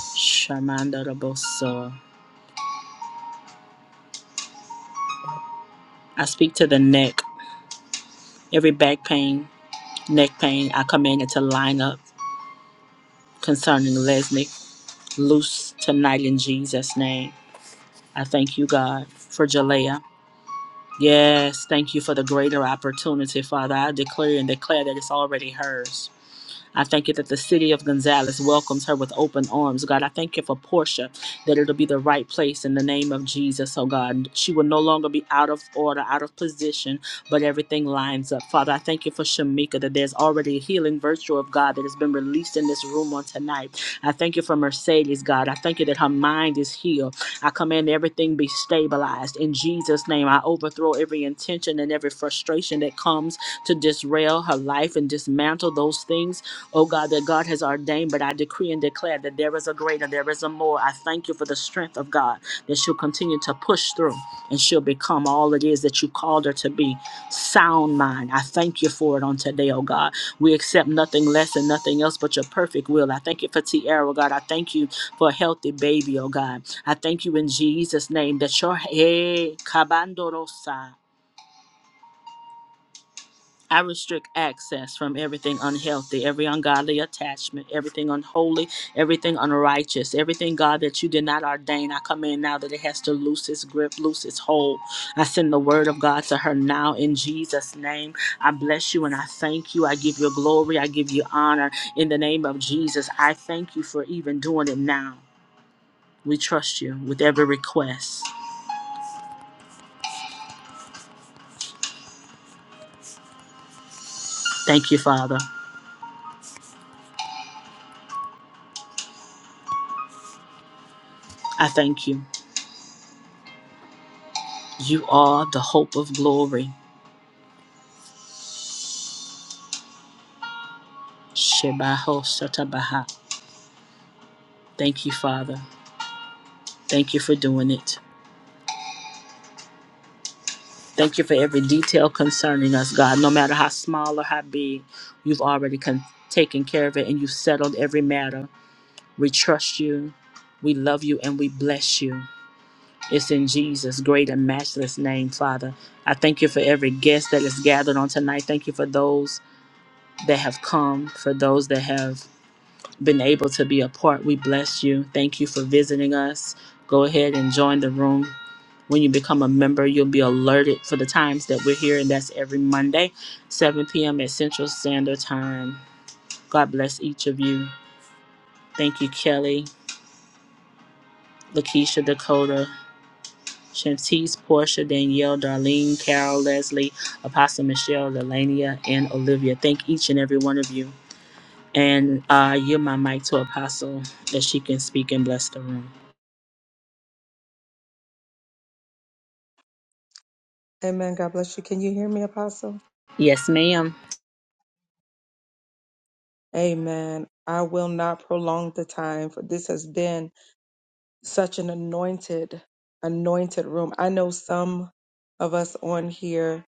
S1: Shamandoroboso. I speak to the neck. Every back pain, neck pain, I command it to line up concerning Lesnick. Loose tonight in Jesus' name. I thank you, God, for Jalea. Yes, thank you for the greater opportunity, Father. I declare and declare that it's already hers. I thank you that the city of Gonzales welcomes her with open arms. God, I thank you for Portia, that it'll be the right place in the name of Jesus, oh God. She will no longer be out of order, out of position, but everything lines up. Father, I thank you for Shamika, that there's already a healing virtue of God that has been released in this room on tonight. I thank you for Mercedes, God. I thank you that her mind is healed. I command everything be stabilized. In Jesus' name, I overthrow every intention and every frustration that comes to disrail her life and dismantle those things, oh God, that God has ordained. But I decree and declare that there is a greater, there is a more. I thank you for the strength of God that she'll continue to push through and she'll become all it is that you called her to be. Sound mind. I thank you for it on today, oh God. We accept nothing less and nothing else but your perfect will. I thank you for Tiara, oh God. I thank you for a healthy baby, oh God. I thank you in Jesus' name that your hey, Kabandorosa. I restrict access from everything unhealthy, every ungodly attachment, everything unholy, everything unrighteous, everything, God, that you did not ordain. I command now that it has to loose its grip, loose its hold. I send the word of God to her now in Jesus' name. I bless you and I thank you. I give you glory. I give you honor in the name of Jesus. I thank you for even doing it now. We trust you with every request. Thank you, Father. I thank you. You are the hope of glory. Shebaho Shatabaha. Thank you, Father. Thank you for doing it. Thank you for every detail concerning us, God. No matter how small or how big, you've already con- taken care of it and you've settled every matter. We trust you, we love you, and we bless you. It's in Jesus' great and matchless name, Father. I thank you for every guest that is gathered on tonight. Thank you for those that have come, for those that have been able to be a part. We bless you. Thank you for visiting us. Go ahead and join the room. When you become a member, you'll be alerted for the times that we're here, and that's every Monday, 7 p.m. at Central Standard Time. God bless each of you. Thank you, Kelly, Lakeisha, Dakota, Shantice, Portia, Danielle, Darlene, Carol, Leslie, Apostle Michelle, Delania, and Olivia. Thank each and every one of you. And uh, yield my mic to Apostle that she can speak and bless the room.
S3: Amen. God bless you. Can you hear me, Apostle?
S1: Yes, ma'am.
S3: Amen. I will not prolong the time, for this has been such an anointed, anointed room. I know some of us on here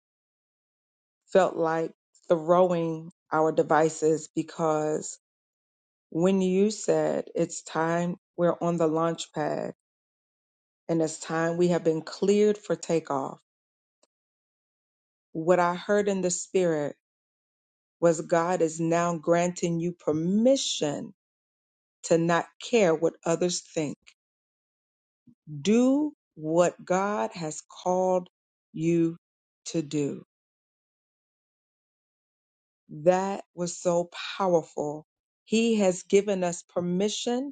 S3: felt like throwing our devices because when you said it's time, we're on the launch pad and it's time we have been cleared for takeoff. What I heard in the spirit was God is now granting you permission to not care what others think. Do what God has called you to do. That was so powerful. He has given us permission.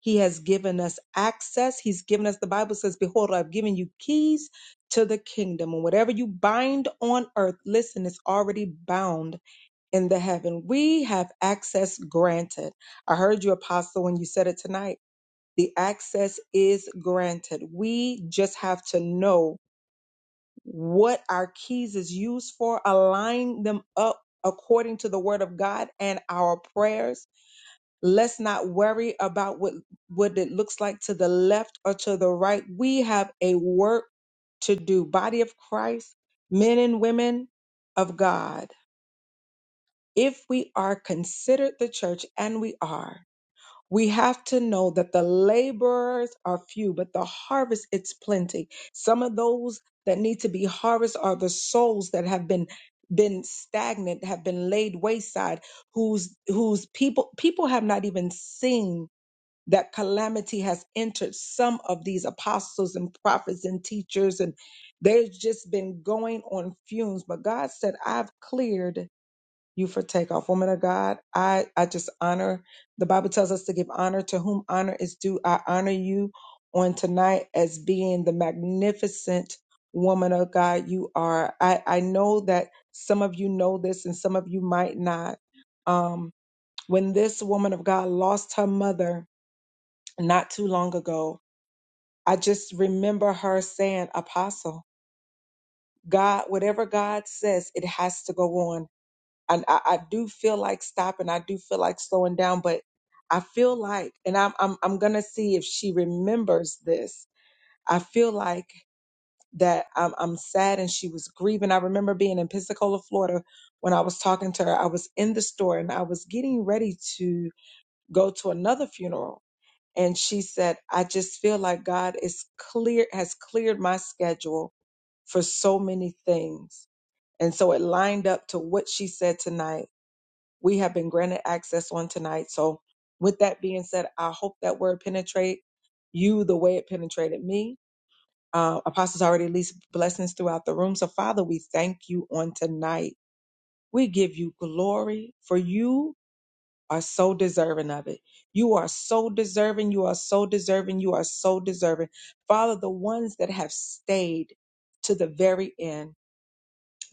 S3: He has given us access. He's given us, the Bible says, Behold, I've given you keys to the kingdom. And whatever you bind on earth, listen, it's already bound in the heaven. We have access granted. I heard you, Apostle, when you said it tonight The access is granted. We just have to know what our keys is used for, align them up according to the word of God and our prayers. Let's not worry about what, what it looks like to the left or to the right. We have a work to do. Body of Christ, men and women of God. If we are considered the church, and we are, we have to know that the laborers are few, but the harvest it's plenty. Some of those that need to be harvested are the souls that have been been stagnant, have been laid wayside, whose whose people people have not even seen that calamity has entered some of these apostles and prophets and teachers and they've just been going on fumes. But God said, I've cleared you for takeoff. Woman of God, I, I just honor, the Bible tells us to give honor to whom honor is due. I honor you on tonight as being the magnificent woman of God you are. I, I know that some of you know this and some of you might not. Um, when this woman of God lost her mother not too long ago, I just remember her saying, Apostle, God, whatever God says, it has to go on I, I I do feel like stopping. I do feel like slowing down, but I feel like, and I'm I'm I'm gonna see if she remembers this. I feel like that I'm I'm sad and she was grieving. I remember being in Pensacola, Florida, when I was talking to her. I was in the store and I was getting ready to go to another funeral, and she said, "I just feel like God is clear has cleared my schedule for so many things." And so it lined up to what she said tonight we have been granted access on tonight. So with that being said, I hope that word penetrate you the way it penetrated me. Uh, apostles already released blessings throughout the room. So Father, we thank you on tonight. We give you glory for you are so deserving of it. You are so deserving. You are so deserving. You are so deserving. Father, the ones that have stayed to the very end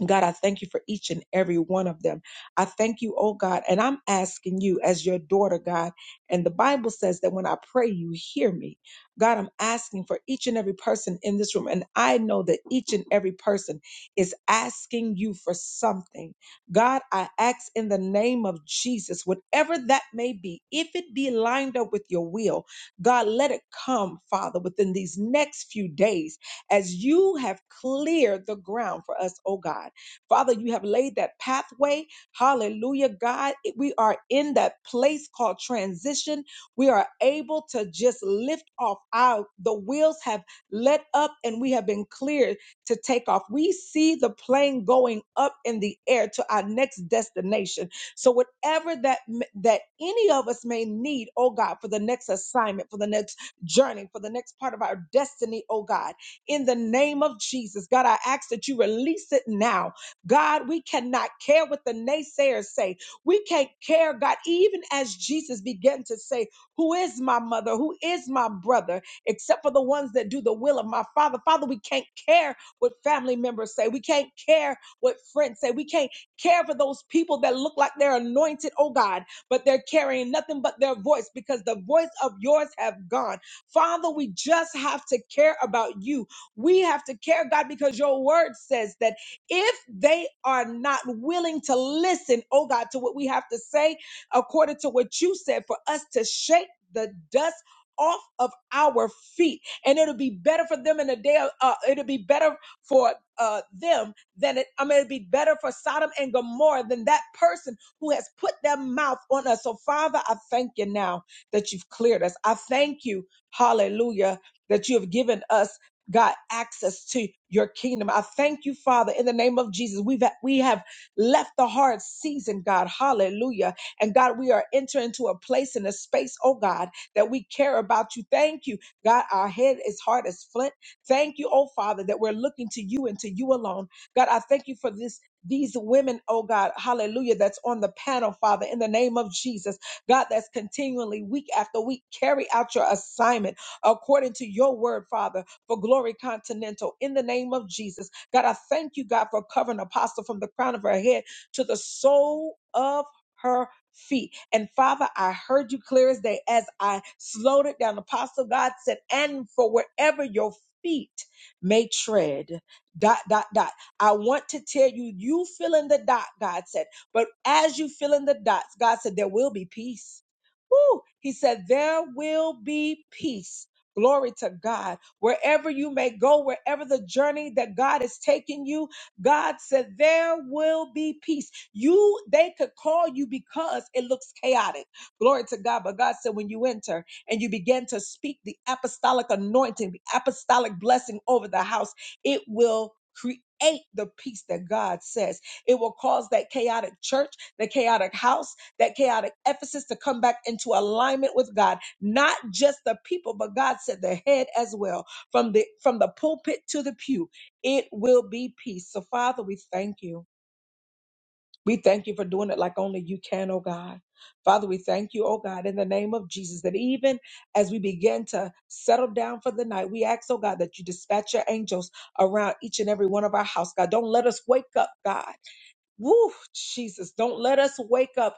S3: God, I thank you for each and every one of them. I thank you, oh God, and I'm asking you as your daughter, God. And the Bible says that when I pray, you hear me. God, I'm asking for each and every person in this room. And I know that each and every person is asking you for something. God, I ask in the name of Jesus, whatever that may be, if it be lined up with your will, God, let it come, Father, within these next few days as you have cleared the ground for us, oh God. Father, you have laid that pathway. Hallelujah, God. We are in that place called transition. We are able to just lift off our the wheels have let up and we have been cleared to take off. We see the plane going up in the air to our next destination. So whatever that that any of us may need, oh God, for the next assignment, for the next journey, for the next part of our destiny, oh God, in the name of Jesus, God, I ask that you release it now God, we cannot care what the naysayers say. We can't care, God, even as Jesus began to say, Who is my mother? Who is my brother? Except for the ones that do the will of my Father. Father, we can't care what family members say. We can't care what friends say. We can't care for those people that look like they're anointed, oh God, but they're carrying nothing but their voice because the voice of yours have gone. Father, we just have to care about you. We have to care, God, because your word says that if they are not willing to listen, oh God, to what we have to say, according to what you said, for us to shake the dust off of our feet, and it'll be better for them in the day. of- Uh, it'll be better for uh, them than it. I mean, it'll be better for Sodom and Gomorrah than that person who has put their mouth on us. So, Father, I thank you now that you've cleared us. I thank you, Hallelujah, that you have given us. God, access to your kingdom. I thank you, Father, in the name of Jesus. We've we have left the hard season, God. Hallelujah. And God, we are entering into a place and a space, oh God, that we care about you. Thank you, God. Our head is hard as flint. Thank you, oh Father, that we're looking to you and to you alone. God, I thank you for this. These women, oh God, hallelujah, that's on the panel, Father, in the name of Jesus. God, that's continually week after week, carry out your assignment according to your word, Father for Glory Continental in the name of Jesus. God, I thank you, God, for covering Apostle from the crown of her head to the sole of her feet. And Father, I heard you clear as day as I slowed it down. Apostle God said, and for wherever your feet may tread, dot, dot, dot. I want to tell you, you fill in the dot, God said. But as you fill in the dots, God said, there will be peace. Woo! He said, there will be peace. Glory to God Wherever you may go, wherever the journey that God is taking you, God said there will be peace. You they could call you because it looks chaotic. Glory to God. But God said when you enter and you begin to speak the apostolic anointing, the apostolic blessing over the house, it will create the peace that God says. It will cause that chaotic church, the chaotic house, that chaotic Ephesus to come back into alignment with God. Not just the people, but God said the head as well from the from the pulpit to the pew it will be peace so father we thank you we thank you for doing it like only you can oh god father we thank you oh god in the name of jesus that even as we begin to settle down for the night we ask oh god that you dispatch your angels around each and every one of our house god don't let us wake up god woo jesus don't let us wake up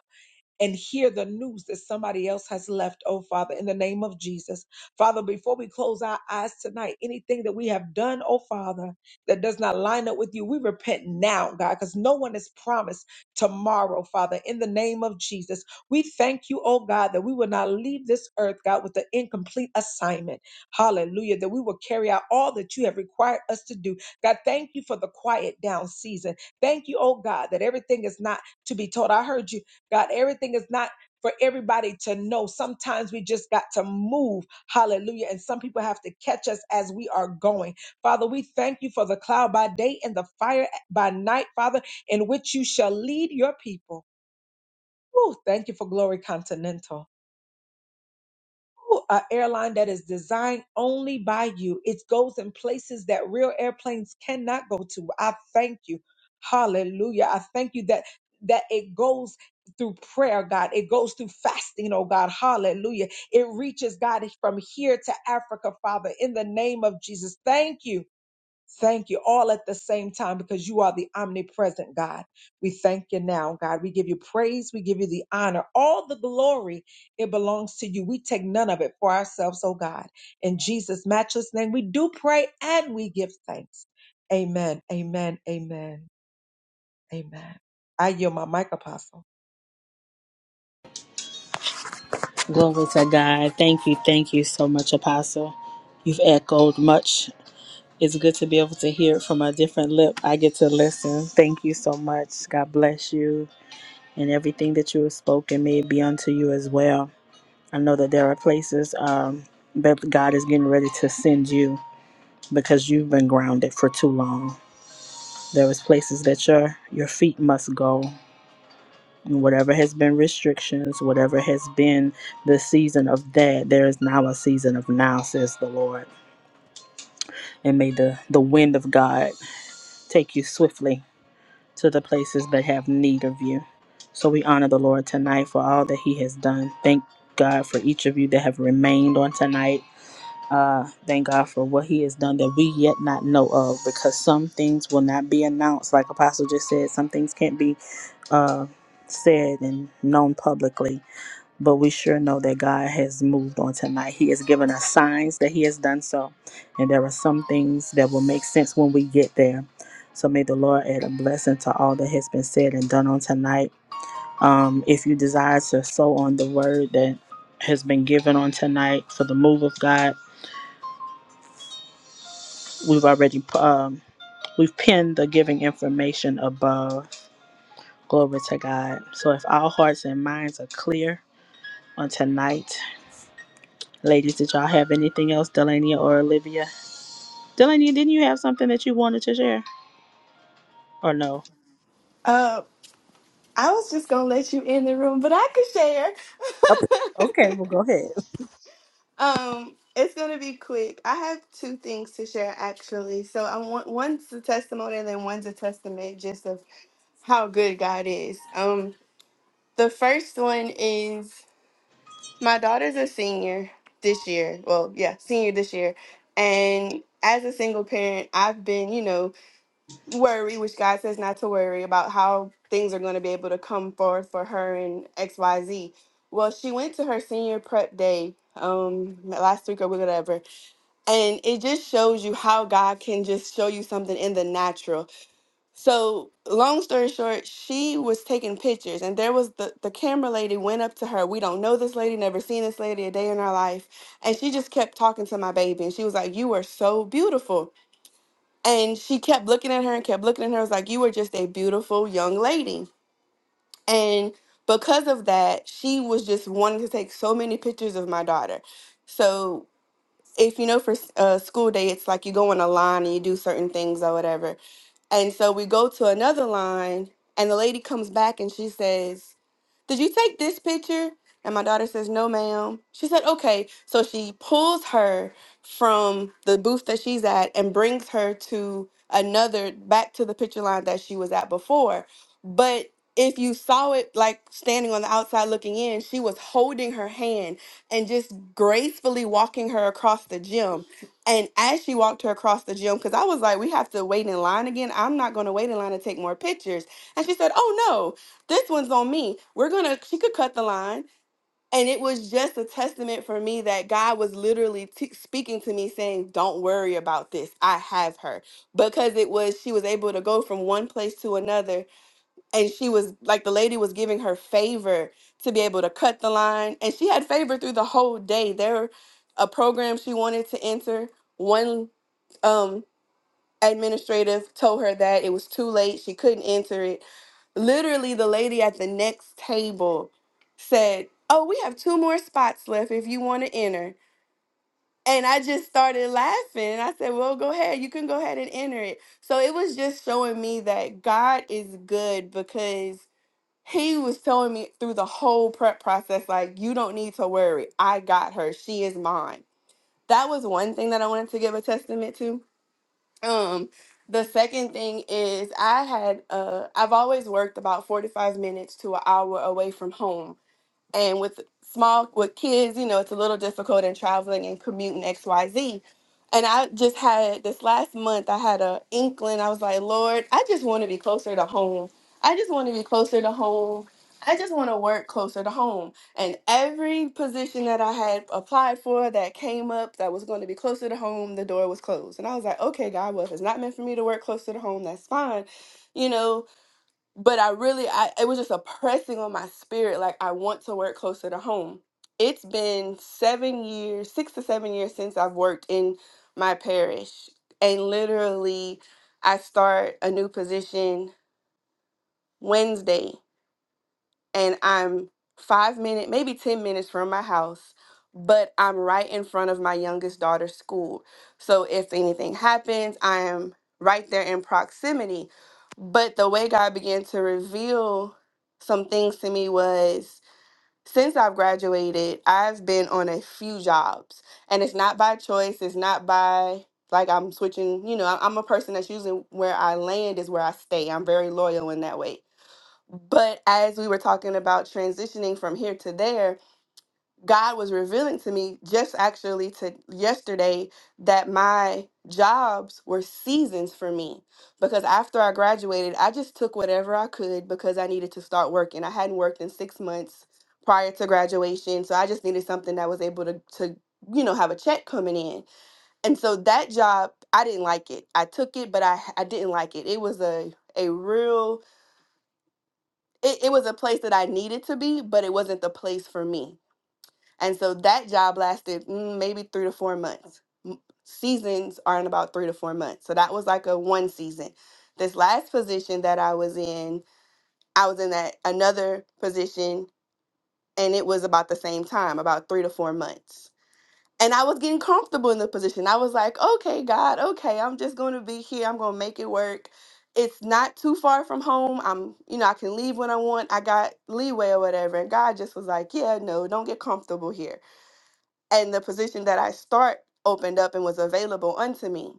S3: and hear the news that somebody else has left, oh Father, in the name of Jesus. Father, before we close our eyes tonight, anything that we have done, oh Father, that does not line up with you, we repent now, God, because no one is promised tomorrow, Father, in the name of Jesus. We thank you, oh God, that we will not leave this earth, God, with an incomplete assignment. Hallelujah, that we will carry out all that you have required us to do. God, thank you for the quiet down season. Thank you, oh God, that everything is not to be told. I heard you God, everything is not for everybody to know. Sometimes we just got to move. Hallelujah. And some people have to catch us as we are going. Father, we thank you for the cloud by day and the fire by night, Father, in which you shall lead your people. Ooh, thank you for Glory Continental an airline that is designed only by you. It goes in places that real airplanes cannot go to. I thank you. Hallelujah. I thank you that that it goes through prayer, God. It goes through fasting, oh God. Hallelujah. It reaches God from here to Africa, Father, in the name of Jesus. Thank you. Thank you all at the same time because you are the omnipresent God. We thank you now, God. We give you praise. We give you the honor. All the glory, it belongs to you. We take none of it for ourselves, oh God. In Jesus' matchless name, we do pray and we give thanks. Amen. Amen. Amen. Amen. I yield my mic, Apostle.
S1: Glory to God. Thank you. Thank you so much, Apostle. You've echoed much. It's good to be able to hear it from a different lip. I get to listen. Thank you so much. God bless you. And everything that you have spoken may it be unto you as well. I know that there are places um, that God is getting ready to send you because you've been grounded for too long. There is places that your your feet must go whatever has been restrictions, whatever has been the season of that, there is now a season of now, says the Lord. And may the, the wind of God take you swiftly to the places that have need of you. So we honor the Lord tonight for all that He has done. Thank God for each of you that have remained on tonight. Uh, thank God for what He has done that we yet not know of, because some things will not be announced. Like Apostle just said, some things can't be uh, said and known publicly but we sure know that God has moved on tonight. He has given us signs that He has done so, and there are some things that will make sense when we get there. So may the Lord add a blessing to all that has been said and done on tonight. Um, if you desire to sow on the word that has been given on tonight for the move of God, we've already um, we've pinned the giving information above. Glory to God. So if our hearts and minds are clear on tonight Ladies, did y'all have anything else, Delania or Olivia? Delania, didn't you have something that you wanted to share? Or no?
S2: Uh, I was just gonna let you in the room, but I
S1: Oh,
S2: could share.
S1: okay, well, go ahead.
S2: <laughs> um, it's gonna be quick. I have two things to share actually. So I want one's a testimony and then one's a testament, just of how good God is. Um, the first one is my daughter's a senior this year. Well, yeah, senior this year. And as a single parent, I've been, you know, worried, which God says not to worry about how things are going to be able to come forth for her and XYZ. Well, she went to her senior prep day um last week or whatever and it just shows you how god can just show you something in the natural so, long story short, she was taking pictures, and there was the, the camera lady went up to her. We don't know this lady, never seen this lady a day in our life. And she just kept talking to my baby, and she was like, You are so beautiful. And she kept looking at her and kept looking at her. I was like, You are just a beautiful young lady. And because of that, she was just wanting to take so many pictures of my daughter. So, if you know, for s- uh, school day, it's like you go on a line and you do certain things or whatever and so we go to another line, and the lady comes back and she says, did you take this picture? And my daughter says, No, ma'am. She said, Okay. So she pulls her from the booth that she's at and brings her to another, back to the picture line that she was at before. But if you saw it like standing on the outside looking in, she was holding her hand and just gracefully walking her across the gym. And as she walked her across the gym, because I was like, we have to wait in line again. I'm not going to wait in line to take more pictures. And she said, oh no this one's on me. We're gonna, she could cut the line. And it was just a testament for me that God was literally t- speaking to me saying, Don't worry about this. I have her. Because it was, she was able to go from one place to another. And she was like, the lady was giving her favor to be able to cut the line. And she had favor through the whole day. There, a program she wanted to enter, one um, administrative told her that it was too late. She couldn't enter it literally the lady at the next table said, "Oh, we have two more spots left if you want to enter." And I just started laughing and I said, "Well, go ahead. You can go ahead and enter it." So it was just showing me that God is good because he was telling me through the whole prep process like, "You don't need to worry. I got her. She is mine." That was one thing that I wanted to give a testament to um, the second thing is I had uh I've always worked about 45 minutes to an hour away from home and with small with kids you know it's a little difficult in traveling and commuting xyz and i just had this last month i had a inkling i was like lord i just want to be closer to home i just want to be closer to home i just want to work closer to home and every position that i had applied for that came up that was going to be closer to home the door was closed and i was like okay god well if it's not meant for me to work closer to home that's fine you know but I really I it was just a pressing on my spirit like I want to work closer to home. It's been 7 years, 6 to 7 years since I've worked in my parish and literally I start a new position Wednesday and I'm five minutes, maybe ten minutes from my house, but I'm right in front of my youngest daughter's school. So if anything happens, I am right there in proximity. But the way God began to reveal some things to me was since I've graduated, I've been on a few jobs. And it's not by choice, it's not by like I'm switching, you know, I- I'm a person that's usually where I land is where I stay. I'm very loyal in that way but as we were talking about transitioning from here to there, God was revealing to me just actually to yesterday that my jobs were seasons for me because after I graduated, I just took whatever I could because I needed to start working. I hadn't worked in 6 months prior to graduation, so I just needed something that was able to to you know have a check coming in. And so that job, I didn't like it. I took it, but I I didn't like it. It was a a real it, it was a place that I needed to be, but it wasn't the place for me. And so that job lasted mm, maybe three to four months. M- Seasons are in about three to four months. So that was like a one season. This last position that I was in, I was in that another position and it was about the same time, about three to four months and I was getting comfortable in the position. I was like, okay, God, okay, I'm just going to be here. I'm going to make it work. It's not too far from home. I'm, you know, I can leave when I want. I got leeway or whatever. And God just was like, yeah, no, don't get comfortable here. And the position that I start opened up and was available unto me.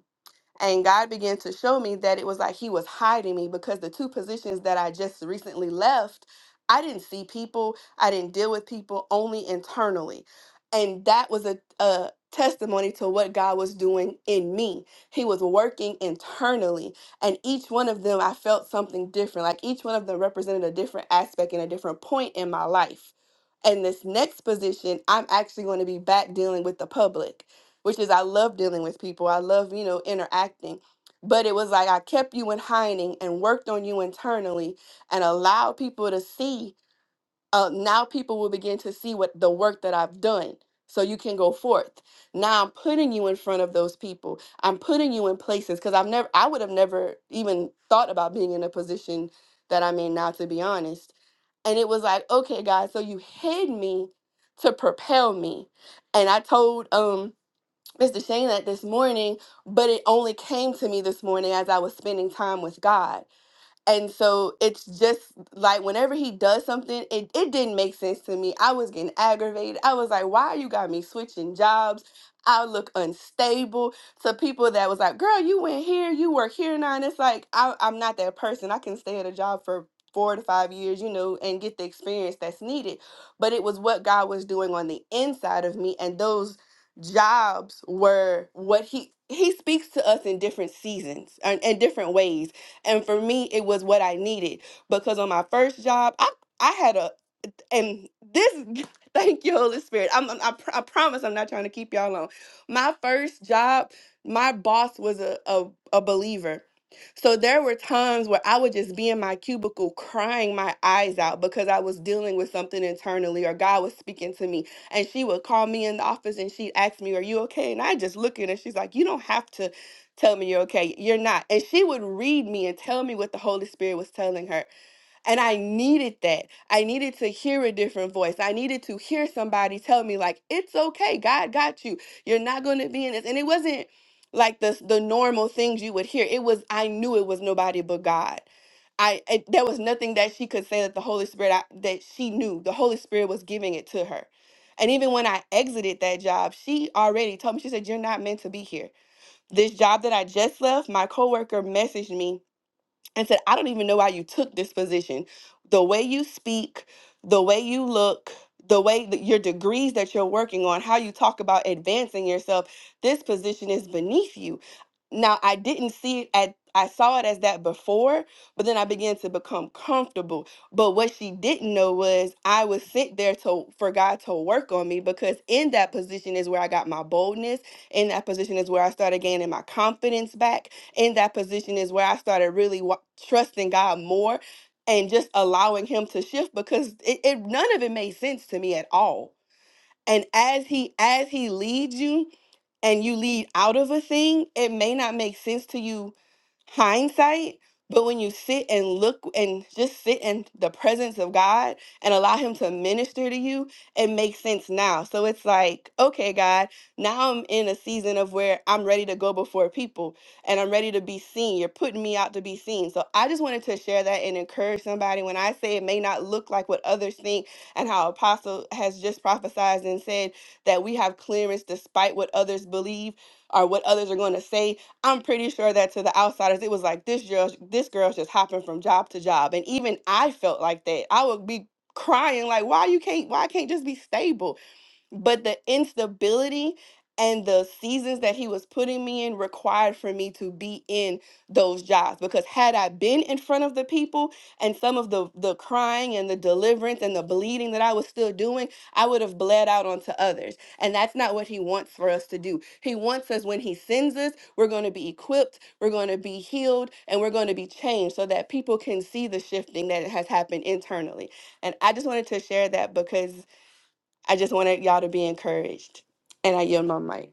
S2: And God began to show me that it was like He was hiding me because the two positions that I just recently left, I didn't see people, I didn't deal with people, only internally. And that was a, a testimony to what God was doing in me. He was working internally. And each one of them, I felt something different. Like each one of them represented a different aspect and a different point in my life. And this next position, I'm actually going to be back dealing with the public which is I love dealing with people. I love, you know, interacting. But it was like I kept you in hiding and worked on you internally and allowed people to see. Uh, now people will begin to see what the work that I've done. So you can go forth. Now I'm putting you in front of those people. I'm putting you in places because I've never I would have never even thought about being in a position that I'm in now, to be honest. And it was like, okay, guys, so you hid me to propel me. And I told um Mr. Shane that this morning, but it only came to me this morning as I was spending time with God. And so it's just like whenever he does something, it, it didn't make sense to me. I was getting aggravated. I was like, why you got me switching jobs? I look unstable to people that was like, girl, you went here, you work here now. And it's like, I, I'm not that person. I can stay at a job for four to five years, you know, and get the experience that's needed. But it was what God was doing on the inside of me. And those jobs were what he he speaks to us in different seasons and in different ways and for me, it was what I needed because on my first job, I I had a and this <laughs> thank you holy spirit i'm, I'm I, pr- I promise i'm not trying to keep y'all on my first job my boss was a, a, a believer so there were times where i would just be in my cubicle crying my eyes out because i was dealing with something internally or god was speaking to me and she would call me in the office and she'd ask me are you okay and i just look at her she's like you don't have to tell me you're okay you're not and she would read me and tell me what the holy spirit was telling her and I needed that. I needed to hear a different voice. I needed to hear somebody tell me, like, it's okay. God got you. You're not going to be in this. And it wasn't like the, the normal things you would hear. It was, I knew it was nobody but God. I, it, there was nothing that she could say that the Holy Spirit, I, that she knew. The Holy Spirit was giving it to her. And even when I exited that job, she already told me, she said, You're not meant to be here. This job that I just left, my coworker messaged me and said, I don't even know why you took this position. The way you speak, the way you look, the way that your degrees that you're working on, how you talk about advancing yourself, this position is beneath you. Now, I didn't see it at I saw it as that before, but then I began to become comfortable. But what she didn't know was I would sit there to for God to work on me because in that position is where I got my boldness. In that position is where I started gaining my confidence back. In that position is where I started really wa- trusting God more and just allowing him to shift because it, it none of it made sense to me at all and as he as he leads you and you lead out of a thing it may not make sense to you hindsight, but when you sit and look and just sit in the presence of God and allow Him to minister to you, it makes sense now. So it's like, okay, God, now I'm in a season of where I'm ready to go before people and I'm ready to be seen. You're putting me out to be seen. So I just wanted to share that and encourage somebody. When I say it may not look like what others think, and how Apostle has just prophesied and said that we have clearance despite what others believe or what others are going to say, I'm pretty sure that to the outsiders, it was like this girl, this girl's just hopping from job to job, and even I felt like that. I would be crying like, why you can't, why I can't just be stable? but the instability and the seasons that he was putting me in required for me to be in those jobs because had i been in front of the people and some of the the crying and the deliverance and the bleeding that i was still doing i would have bled out onto others and that's not what he wants for us to do he wants us when he sends us we're going to be equipped we're going to be healed and we're going to be changed so that people can see the shifting that has happened internally and i just wanted to share that because I just wanted y'all to be encouraged. And I yield my mic.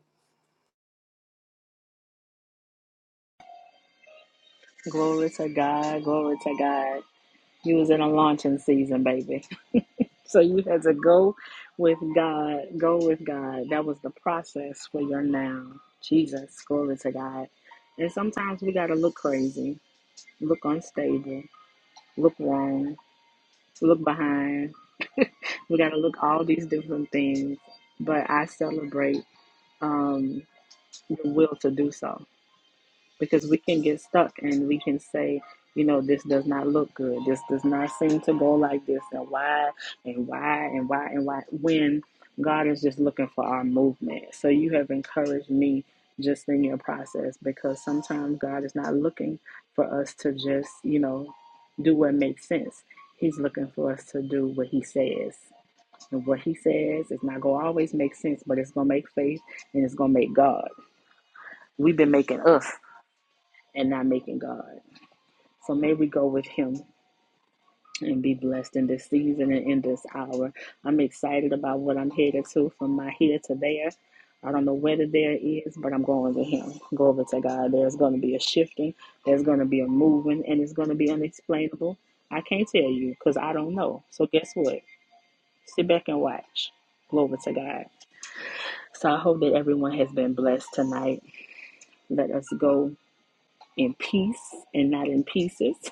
S1: <laughs> Glory to God, glory to God. You was in a launching season, baby. <laughs> So you had to go with God. Go with God. That was the process for your now. Jesus, glory to God. And sometimes we gotta look crazy, look unstable, look wrong. to look behind. <laughs> we got to look all these different things, but I celebrate um, the will to do so because we can get stuck and we can say you know this does not look good this does not seem to go like this and why and why and why and why when god is just looking for our movement so you have encouraged me just in your process because sometimes god is not looking for us to just you know do what makes sense he's looking for us to do what he says and what he says is not going to always make sense but it's going to make faith and it's going to make god we've been making us and not making God. So may we go with him and be blessed in this season and in this hour. I'm excited about what I'm headed to from my here to there. I don't know where the there is, but I'm going to him. Go over to God. There's going to be a shifting, there's going to be a moving, and it's going to be unexplainable. I can't tell you because I don't know. So guess what? Sit back and watch. Glory to God. So I hope that everyone has been blessed tonight. Let us go in peace and not in pieces.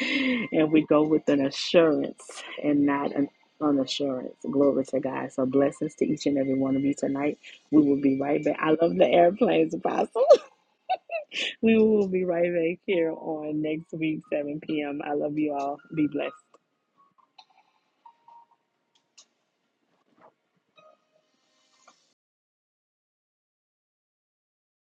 S1: and we go with an assurance and not an unassurance. Glory to God. So blessings to each and every one of you tonight. We will be right back. I love the airplanes, Apostle. <laughs> we will be right back here on next week, 7 p.m. I love you all. Be blessed.